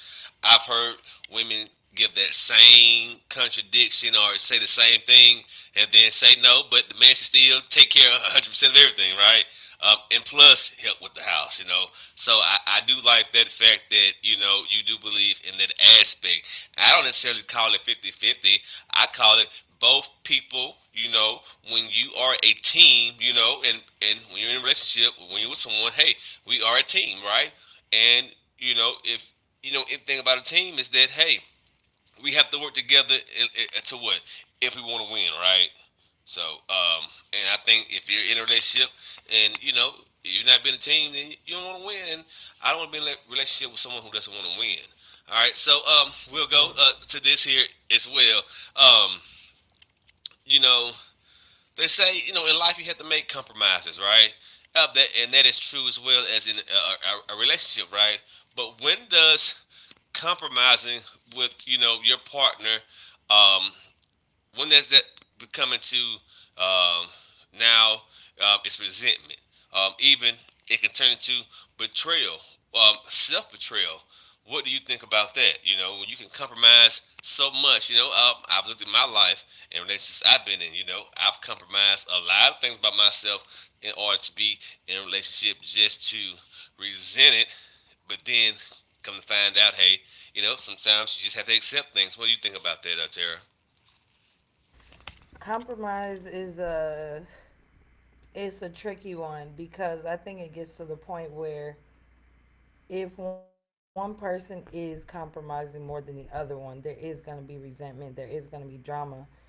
Speaker 1: I've heard women give that same contradiction or say the same thing and then say no, but the man should still take care of 100% of everything. Right and plus help with the house, you know. So I do like that fact that, you know, you do believe in that aspect. I don't necessarily call it fifty-fifty. I call it both people, you know, when you are a team, you know, and when you're in a relationship, when you're with someone, hey, we are a team, right? And, you know, if, you know, anything about a team is that, hey, we have to work together to what if we want to win, right? So, um, and I think if you're in a relationship and you know you're not being a team, then you don't want to win. And I don't want to be in a relationship with someone who doesn't want to win. All right, so we'll go
Speaker 2: Right.
Speaker 1: to this here as well. Um, you know, they say you know in life you have to make compromises, right? That, and that is true as well as in a, a relationship, right? But when does compromising with you know your partner um, one that's that becoming to um, now is resentment. Even it can turn into betrayal, self betrayal. What do you think about that? You know, you can compromise so much, you know, I've looked at my life and relationships I've been in, you know, I've compromised a lot of things about myself in order to be in a relationship just to resent it, but then come to find out, hey, you know, sometimes you just have to accept things. What do you think about that, Tara?
Speaker 2: Compromise is a, it's a tricky one because I think it gets to the point where if one person is compromising more than the other one, there is going to be resentment, there is going to be drama.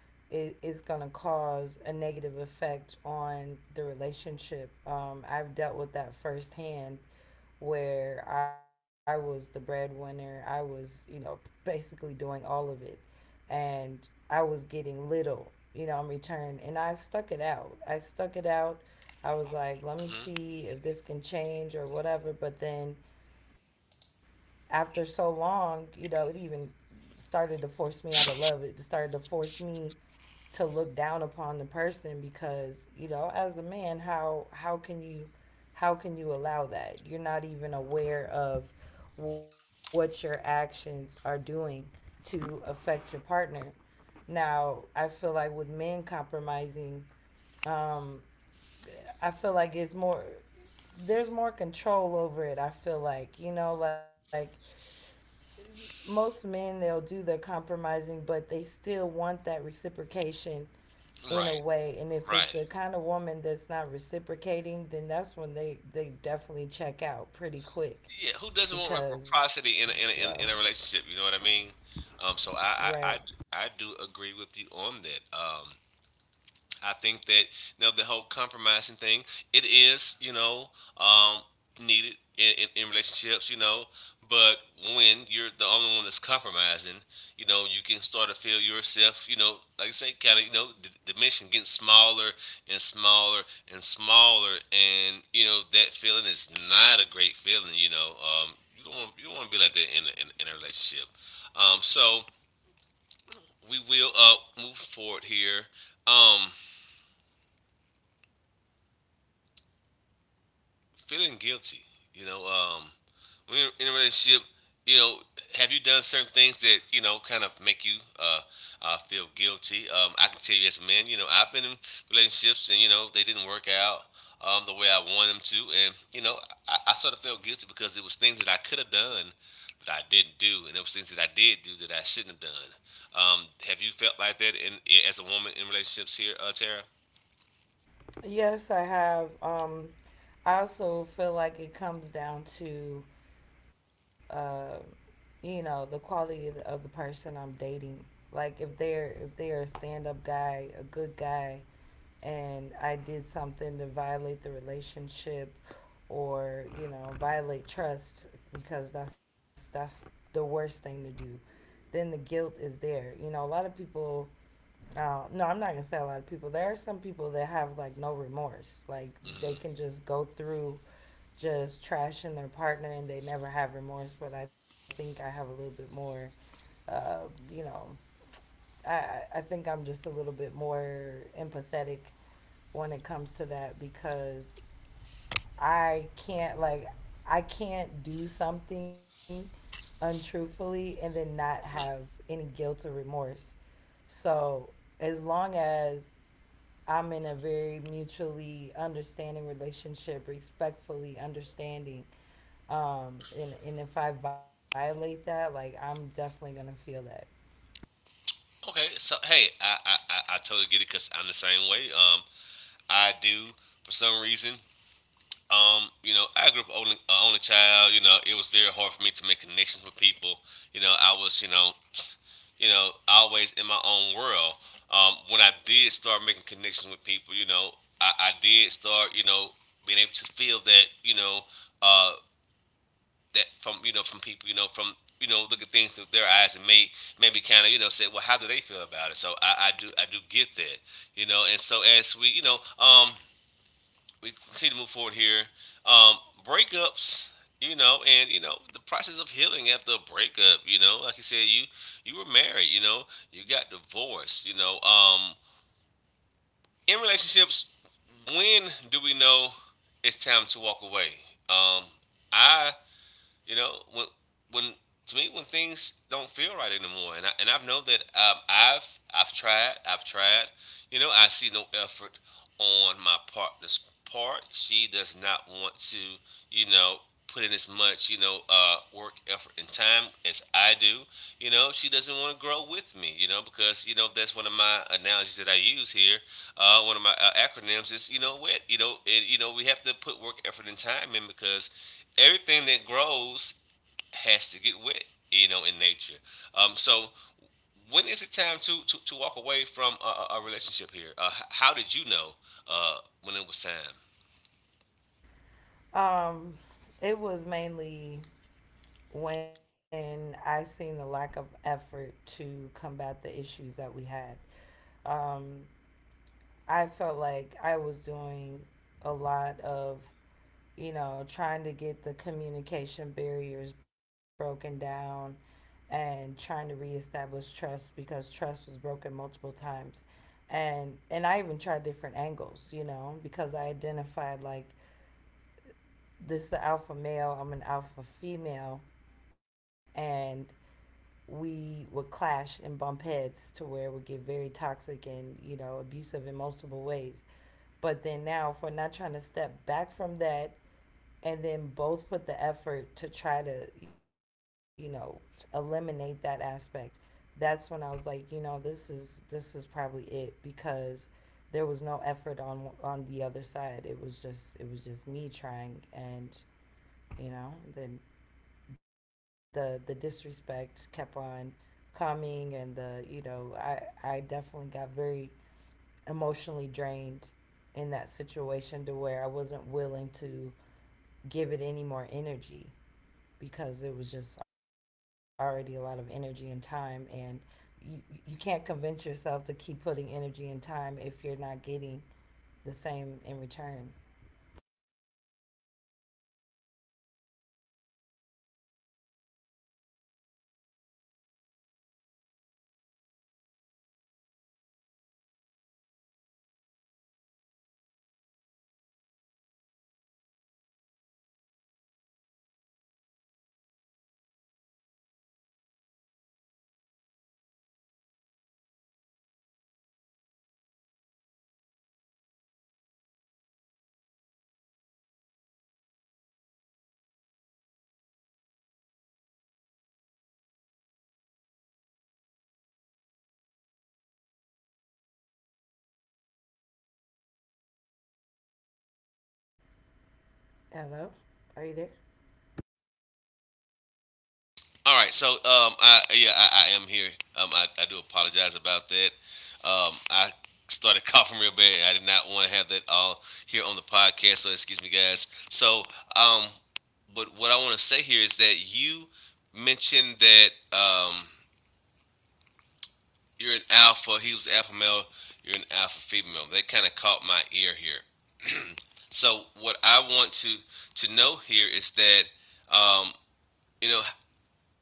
Speaker 2: It is going to cause a negative effect on the relationship. I've dealt with that firsthand where I was the breadwinner, I was, you know, basically doing all of it, and I was getting little, you know, in return. And I stuck it out. I stuck it out. I was like, let me
Speaker 1: Mm-hmm.
Speaker 2: see if this can change or whatever. But then after so long, you know, it even started to force me out of love. It started to force me to look down upon the person because, you know, as a man, how can you allow that? You're not even aware of what your actions are doing to affect your partner. Now, I feel like with men compromising, um, I feel like it's more, there's more control over it. I feel like, like most men they'll do the compromising but they still want that reciprocation in a
Speaker 1: Right,
Speaker 2: way, and if it's
Speaker 1: right.
Speaker 2: the kind of woman that's not reciprocating, then that's when they definitely check out pretty quick
Speaker 1: Yeah, who doesn't want
Speaker 2: because yeah.
Speaker 1: reciprocity in a, a, in a relationship? You know what I mean? So
Speaker 2: Right.
Speaker 1: I I do agree with you on that. I think that you know, the whole compromising thing, it is, you know, um, needed in, in relationships, you know. But when you're the only one that's compromising, you know, you can start to feel yourself, you know, like I say, kind of, you know, diminishing, getting smaller and smaller and smaller, and you know that feeling is not a great feeling. You know, you don't want to be like that in a, in a relationship. So we will move forward here. Um, Feeling guilty. You know, when you're in a relationship, you know, have you done certain things that you know kind of make you uh, feel guilty? I can tell you as a man, you know, I've been in relationships and you know they didn't work out the way I wanted them to, and you know, I sort of felt guilty because it was things that I could have done that I didn't do, and it was things that I did do that I shouldn't have done. Have you felt like that in as a woman in relationships here, Tara?
Speaker 2: Yes, I have. I also feel like it comes down to uh you know, the quality of the person I'm dating. Like if they're a stand-up guy, a good guy, and I did something to violate the relationship or, you know, violate trust, because that's the worst thing to do. Then the guilt is there. You know, a lot of people no, I'm not gonna say a lot of people. There are some people that have like no remorse. Like they
Speaker 1: Mm-hmm.
Speaker 2: can just go through just trashing their partner, and they never have remorse. But I think I have a little bit more, you know, I think I'm just a little bit more empathetic when it comes to that because I can't, like, I can't do something untruthfully and then not have any guilt or remorse. So as long as I'm in a very mutually understanding relationship, respectfully understanding, and if I violate that, like, I'm definitely gonna feel that.
Speaker 1: Okay, so hey, I totally get it because I'm the same way. I do for some reason. You know, I grew up only only child. You know, it was very hard for me to make connections with people. You know, I was you know always in my own world. When I did start making connections with people, you know, I did start you know being able to feel that you know uh, that from you know from people you know from you know look at things through their eyes and may maybe kind of you know say well how do they feel about it so I do I do get that you know and so as we we continue to move forward here um breakups you know and you know the process of healing after a breakup you know like you said you you were married you know you got divorced in relationships when do we know it's time to walk away um I you know, when to me when things don't feel right anymore, and I know that I've tried, I've tried. You know, I see no effort on my partner's part. She does not want to, you know, put in as much, you know, work, effort, and time as I do you know she doesn't want to grow with me you know because you know that's one of my analogies that I use here one of my acronyms is you know what you know it, you know we have to put work effort and time in because everything that grows has to get wet you know in nature so when is it time to to walk away from a, a relationship here how did you know uh, when it was time
Speaker 2: Um, it was mainly when I seen the lack of effort to combat the issues that we had. Um, I felt like I was doing a lot of, you know, trying to get the communication barriers broken down and trying to reestablish trust because trust was broken multiple times. And I even tried different angles, you know, because I identified, like, this is an alpha male, I'm an alpha female, and we would clash and bump heads to where it would get very toxic and, you know, abusive in multiple ways. But then now, if we're not trying to step back from that and then both put the effort to try to, you know, eliminate that aspect, that's when I was like, you know, this is probably it, because there was no effort on the other side. It was just, it was just me trying, and you know, then the disrespect kept on coming, and the, you know, I definitely got very emotionally drained in that situation to where I wasn't willing to give it any more energy, because it was just already a lot of energy and time, and you you can't convince yourself to keep putting energy and time if you're not getting the same in return. Hello? Are you there?
Speaker 1: All right, so I yeah, I am here. I do apologize about that. I started coughing real bad. I did not want to have that all here on the podcast. So excuse me, guys. Um, but what I want to say here is that you mentioned that um, you're an alpha. He was alpha male. You're an alpha female. That kind of caught my ear here. So what I want to know here is that um, you know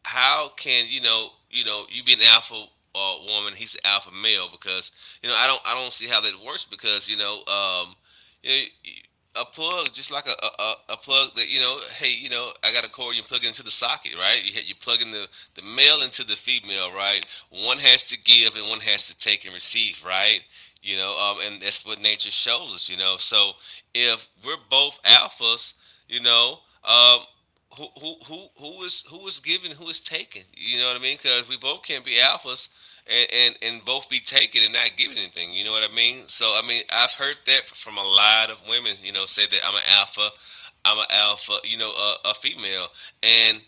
Speaker 1: how can you know you know you be an alpha woman, he's an alpha male because you know I don't see how that works because you know a plug just like a, a plug that you know hey you know I got a cord you plug it into the socket right you you plug in the male into the female right one has to give and one has to take and receive right and that's what nature shows us you know so if we're both alphas you know um, who is giving, who is taking. You know what I mean? Because we both can not be alphas and both be taking and not giving anything. You know what I mean? So I mean, I've heard that from a lot of women. You know, say that I'm an alpha, I'm an alpha. You know, a, female, and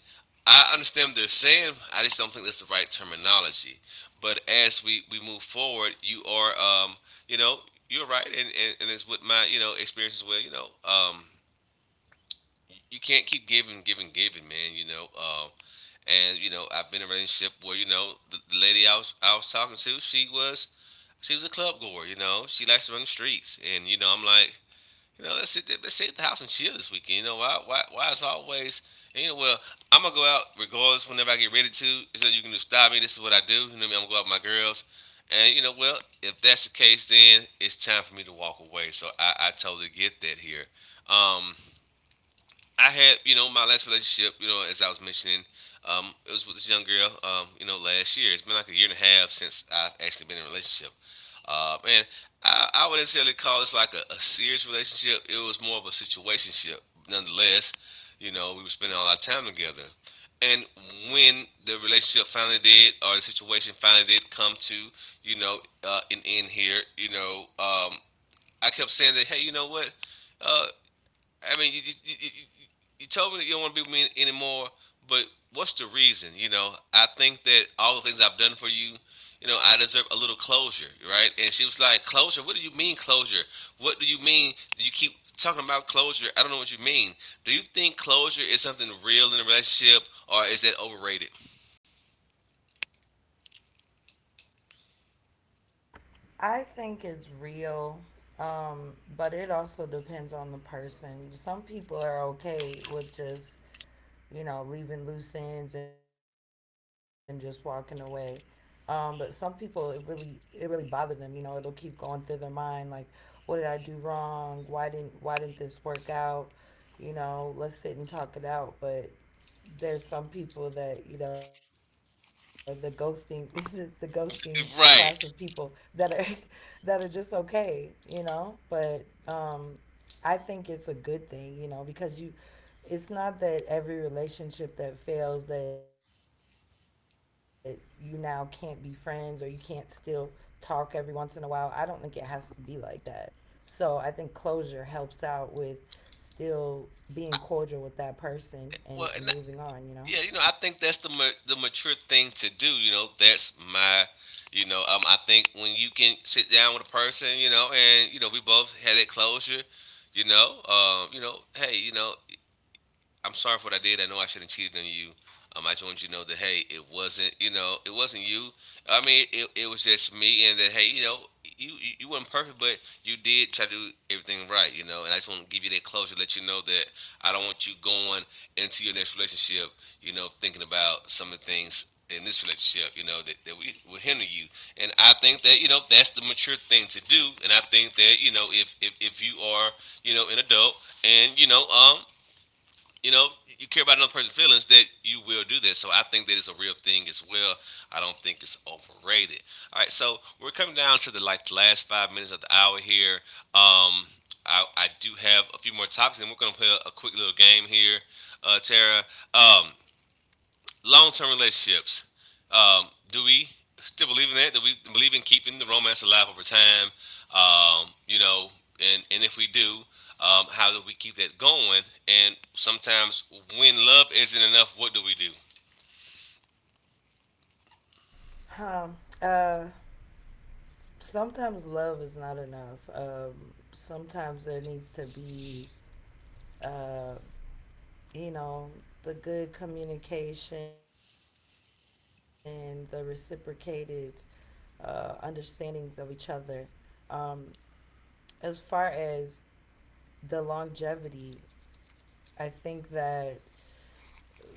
Speaker 1: I understand what they're saying. I just don't think that's the right terminology. But as we move forward, you are you know you're right, and it's with my you know experience as well. You can't keep giving, giving, giving, man. You know, and you know, I've been in a relationship where you know the lady I was talking to, she was a club goer. You know, she likes to run the streets, and you know, I'm like, you know, let's sit at the house and chill this weekend. You know, why is always and, you know, well, I'm gonna go out regardless whenever I get ready to. It's like you can just stop me. This is what I do. You know, what I mean? I'm gonna go out with my girls. And you know, well, if that's the case, then it's time for me to walk away. So I totally get that here. Um, I had, you know, my last relationship, you know, as I was mentioning, it was with this young girl, you know, last year. It's been like a year and a half since I've actually been in a relationship. And I would necessarily call this like a serious relationship. It was more of a situationship, nonetheless. You know, we were spending all our time together. And when the relationship finally did, or the situation finally did come to, you know, an end here, you know, I kept saying that, hey, you know what? Uh, I mean, told me that you don't want to be with me anymore, but what's the reason? You know, I think that all the things I've done for you, I deserve a little closure, right? And she was like, "Closure? What do you mean, closure? What do you mean? You keep talking about closure. I don't know what you mean. Do you think closure is something real in a relationship or is that overrated?"
Speaker 2: I think it's real, but it also depends on the person. Some people are okay with just, you know, leaving loose ends and just walking away. But some people, it really bothered them. You know, it'll keep going through their mind, like, what did I do wrong? Why didn't this work out? You know, let's sit and talk it out. But there's some people that, you know, the ghosting, the ghosting class of people
Speaker 1: Right.
Speaker 2: that are, that are just okay. You know, but um, I think it's a good thing, you know, because you, it's not that every relationship that fails that you now can't be friends or you can't still talk every once in a while. I don't think it has to be like that. So I think closure helps out with still being cordial with that person and
Speaker 1: Well, and
Speaker 2: moving on, you know?
Speaker 1: yeah, you know, I think that's the mature thing to do. You know, that's my, I think when you can sit down with a person, you know, and you know, we both had that closure, you know, hey, you know, I'm sorry for what I did. I know I shouldn't have cheated on you. I just want you to know that hey, it wasn't you know it wasn't you. I mean, it was just me, and that hey, you know, you weren't perfect, but you did try to do everything right, you know. And I just want to give you that closure, let you know that I don't want you going into your next relationship, you know, thinking about some of the things in this relationship, you know, that we will hinder you. And I think that, you know, that's the mature thing to do. And I think that, you know, if you are, you know, an adult and, you know, you know, you care about another person's feelings, that you will do that. So I think that it's a real thing as well. I don't think it's overrated. All right, so we're coming down to the last 5 minutes of the hour here. Um, I do have a few more topics, and we're gonna play a quick little game here, Tara. Um, long term relationships. Do we still believe in that? Do we believe in keeping the romance alive over time? You know, and if we do, how do we keep that going? And sometimes when love isn't enough, what do we do?
Speaker 2: Um, uh, Sometimes love is not enough. Sometimes there needs to be, uh, you know, the good communication, the reciprocated understandings of each other. Um, as far as the longevity, I think that,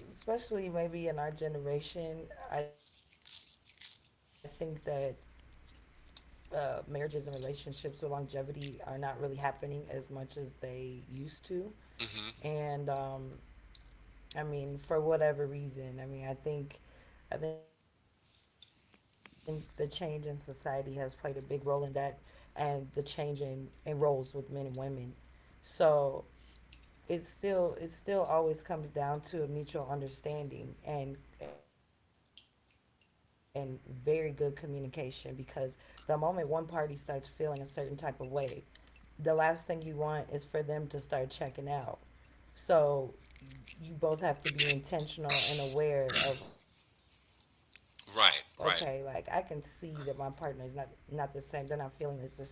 Speaker 2: especially maybe in our generation, I think that marriages and relationships with longevity are not really happening as much as they used to.
Speaker 1: hmm
Speaker 2: And I mean, for whatever reason. I mean, I think the change in society has played a big role in that, and the change in roles with men and women. So it still always comes down to a mutual understanding and very good communication, because the moment one party starts feeling a certain type of way, the last thing you want is for them to start checking out. So you both have to be intentional and aware of, okay, like, I can see that my
Speaker 1: Right,
Speaker 2: partner is
Speaker 1: right,
Speaker 2: not not the same. They're not feeling this. There's something going on.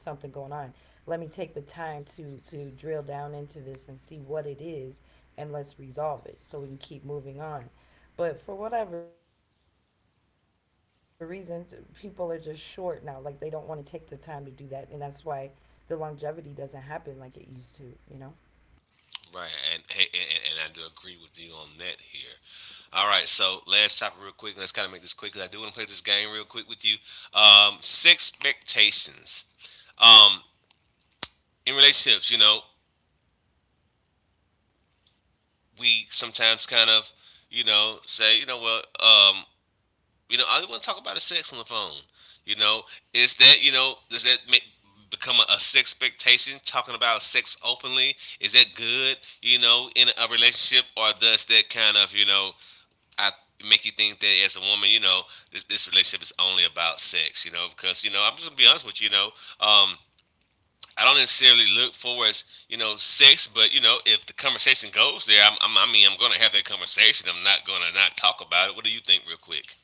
Speaker 2: Let me take the time to drill down into this and see what it is, and let's resolve it so we can keep moving on. But for whatever reason, people are just short now. Like, they don't want to take the time to do that, and that's why the longevity doesn't happen like it used to, you know?
Speaker 1: right. And, hey, and I do agree with you on that here. All right, so last topic real quick. Let's kind of make this quick because I do want to play this game real quick with you. Expectations um, in relationships. You know, we sometimes you know, say, you know, well, you know, I want to talk about a sex on the phone. You know, is that, you know, does that make become a sex expectation talking about sex openly, is that good you know in a relationship, or does that kind of you know I make you think that as a woman you know this relationship is only about sex you know, because you know I'm just gonna be honest with you you know um I don't necessarily look for as you know sex, but you know if the conversation goes there, I mean I'm gonna have that conversation. I'm not gonna not talk about it. What do you think, real quick?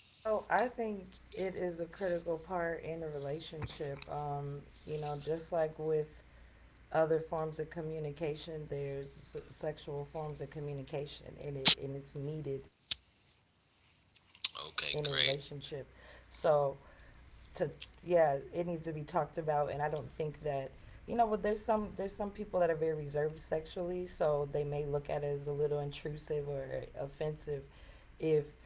Speaker 2: Well, I think it is a critical part in a relationship. You know, just like with other forms of communication, there's sexual forms of communication, and it's needed in a relationship. So
Speaker 1: Okay, great.
Speaker 2: to yeah, it needs to be talked about, and I don't think that, you know. But there's some people that are very reserved sexually, so they may look at it as a little intrusive or offensive if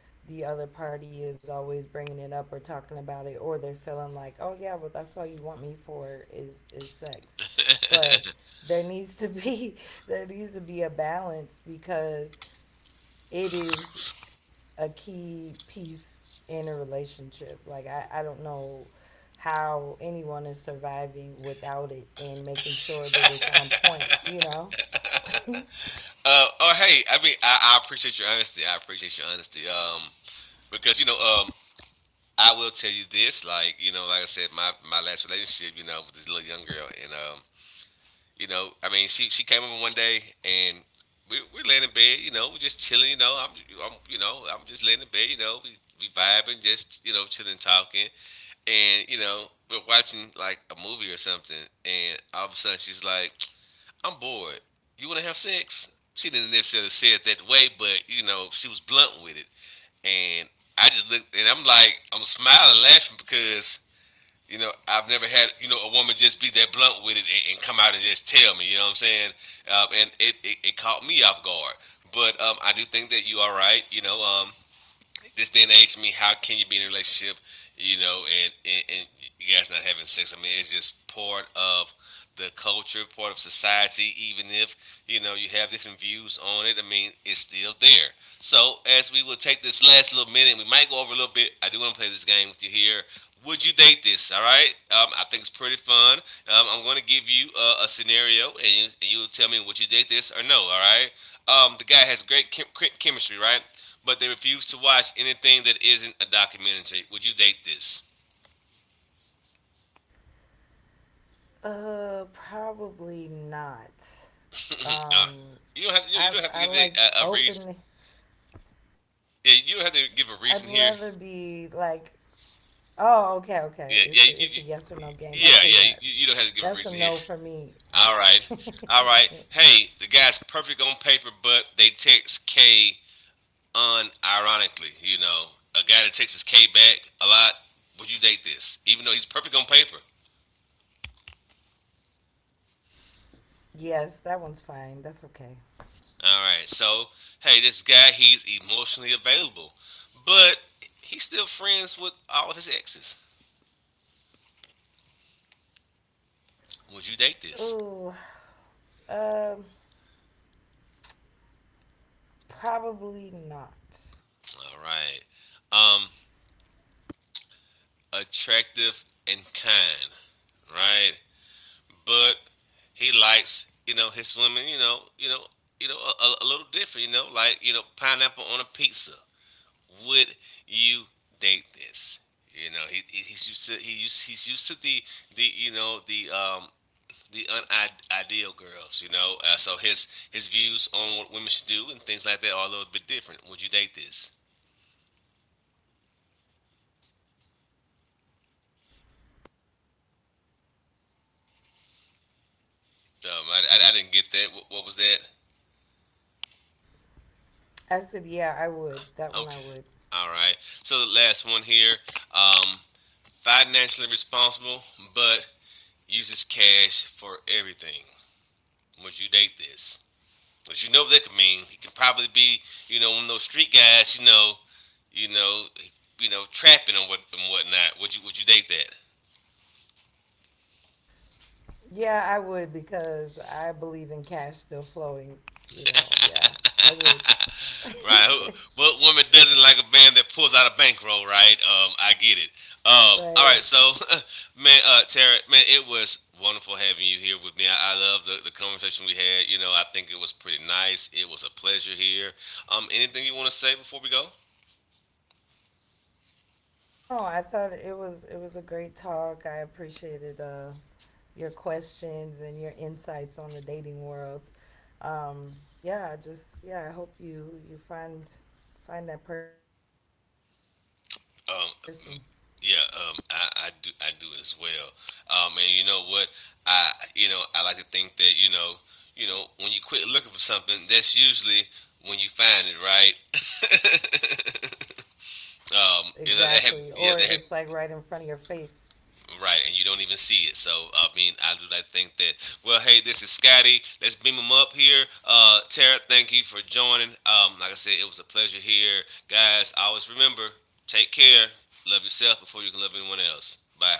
Speaker 2: the other party is always bringing it up or talking about it, or they're feeling like, oh yeah, well, that's all you want me for is sex. But there needs to be there needs to be a balance, because it is a key piece in a relationship. Like I don't know how anyone is surviving without it and making sure that it's on point, you know?
Speaker 1: Oh, hey, I mean I appreciate your honesty. I appreciate your honesty. Because you know I will tell you this, like you know, like I said, my last relationship, you know, with this little young girl, and you know, I mean, she came over one day and we're laying in bed. You know, we're just chilling. You know, I'm you know I'm just laying in bed. You know, we vibing, just you know, chilling, talking, and you know, we're watching like a movie or something, and all of a sudden she's like, "I'm bored. You want to have sex?" She didn't necessarily say it that way, but you know, she was blunt with it, and I just looked, and I'm like, I'm smiling, laughing because you know, I've never had you know a woman just be that blunt with it and come out and just tell me. You know what I'm saying? And it caught me off guard. But I do think that you are right. You know, this day and age, I mean, how can you be in a relationship, you know, and you guys not having sex? I mean, it's just part of the culture, part of society, even if, you know, you have different views on it, I mean, it's still there. So, as we will take this last little minute, we might go over a little bit. I do want to play this game with you here. Would you date this? All right. I think it's pretty fun. I'm going to give you a scenario, and, and you'll tell me would you date this or no. All right. The guy has chemistry, right? But they refuse to watch anything that isn't a documentary. Would you date this?
Speaker 2: Uh, probably not.
Speaker 1: Uh,
Speaker 2: Um,
Speaker 1: you don't have to. You
Speaker 2: I
Speaker 1: don't have to give
Speaker 2: like
Speaker 1: a reason.
Speaker 2: open.
Speaker 1: Yeah, you don't
Speaker 2: I'd
Speaker 1: have to
Speaker 2: rather
Speaker 1: give a reason
Speaker 2: be
Speaker 1: here.
Speaker 2: like, oh, okay, okay. It's a, it's a
Speaker 1: Yeah,
Speaker 2: yes or
Speaker 1: yeah,
Speaker 2: no
Speaker 1: you, you,
Speaker 2: game. Okay, yeah,
Speaker 1: yeah, yeah.
Speaker 2: that's a
Speaker 1: You don't
Speaker 2: no
Speaker 1: have to
Speaker 2: for
Speaker 1: give a reason
Speaker 2: me.
Speaker 1: here. All right, all right. Hey, the guy's perfect on paper, but they text K unironically. You know, a guy that takes his K back a lot. Would you date this? Even though he's perfect on paper,
Speaker 2: Yes, that one's fine. That's okay.
Speaker 1: all right. So, hey, this guy, he's emotionally available, but he's still friends with all of his exes. Would you date this?
Speaker 2: Ooh, um, probably not.
Speaker 1: All right. Um, attractive and kind, right? But he likes, you know, his women, you know, you know, you know, a little different, you know, like you know, pineapple on a pizza. Would you date this? You know, he's used to the you know the unideal girls, you know. So his views on what women should do and things like that are a little bit different. Would you date this?
Speaker 2: Yeah, I would.
Speaker 1: I didn't get that. What was that?
Speaker 2: I said, yeah, I would. That one I
Speaker 1: Okay,
Speaker 2: would.
Speaker 1: all right. So the last one here, um, financially responsible, but uses cash for everything. Would you date this? But you know what that could mean. He can probably be, you know, one of those street guys, you know, you know, you know, trapping and whatnot. Would you date that?
Speaker 2: Yeah, I would, because I believe in cash still flowing. You know, yeah, I would.
Speaker 1: right. Who, what woman doesn't like a band that pulls out a bankroll? Right. I get it. All right.
Speaker 2: Right.
Speaker 1: So, man, Tara, man, it was wonderful having you here with me. I love the conversation we had. You know, I think it was pretty nice. It was a pleasure here. Anything you want to say before we go?
Speaker 2: Oh no, I thought it was, it was a great talk. I appreciated your questions and your insights on the dating world. Um, yeah, I just, yeah, I hope you find find that person.
Speaker 1: Um, m- yeah, I do as well. And you know what? You know, I like to think that you know, when you quit looking for something, that's usually when you find it, right?
Speaker 2: Yes, exactly. Or
Speaker 1: You
Speaker 2: it's
Speaker 1: know,
Speaker 2: like
Speaker 1: they have,
Speaker 2: right in
Speaker 1: yeah,
Speaker 2: front of
Speaker 1: they have.
Speaker 2: your face.
Speaker 1: Right, and you don't even see it. So I mean, I do like think that. Well, hey, this is Scotty. Let's beam him up here. Tara, thank you for joining. Like I said, it was a pleasure here, guys. Always remember, take care, love yourself before you can love anyone else. Bye.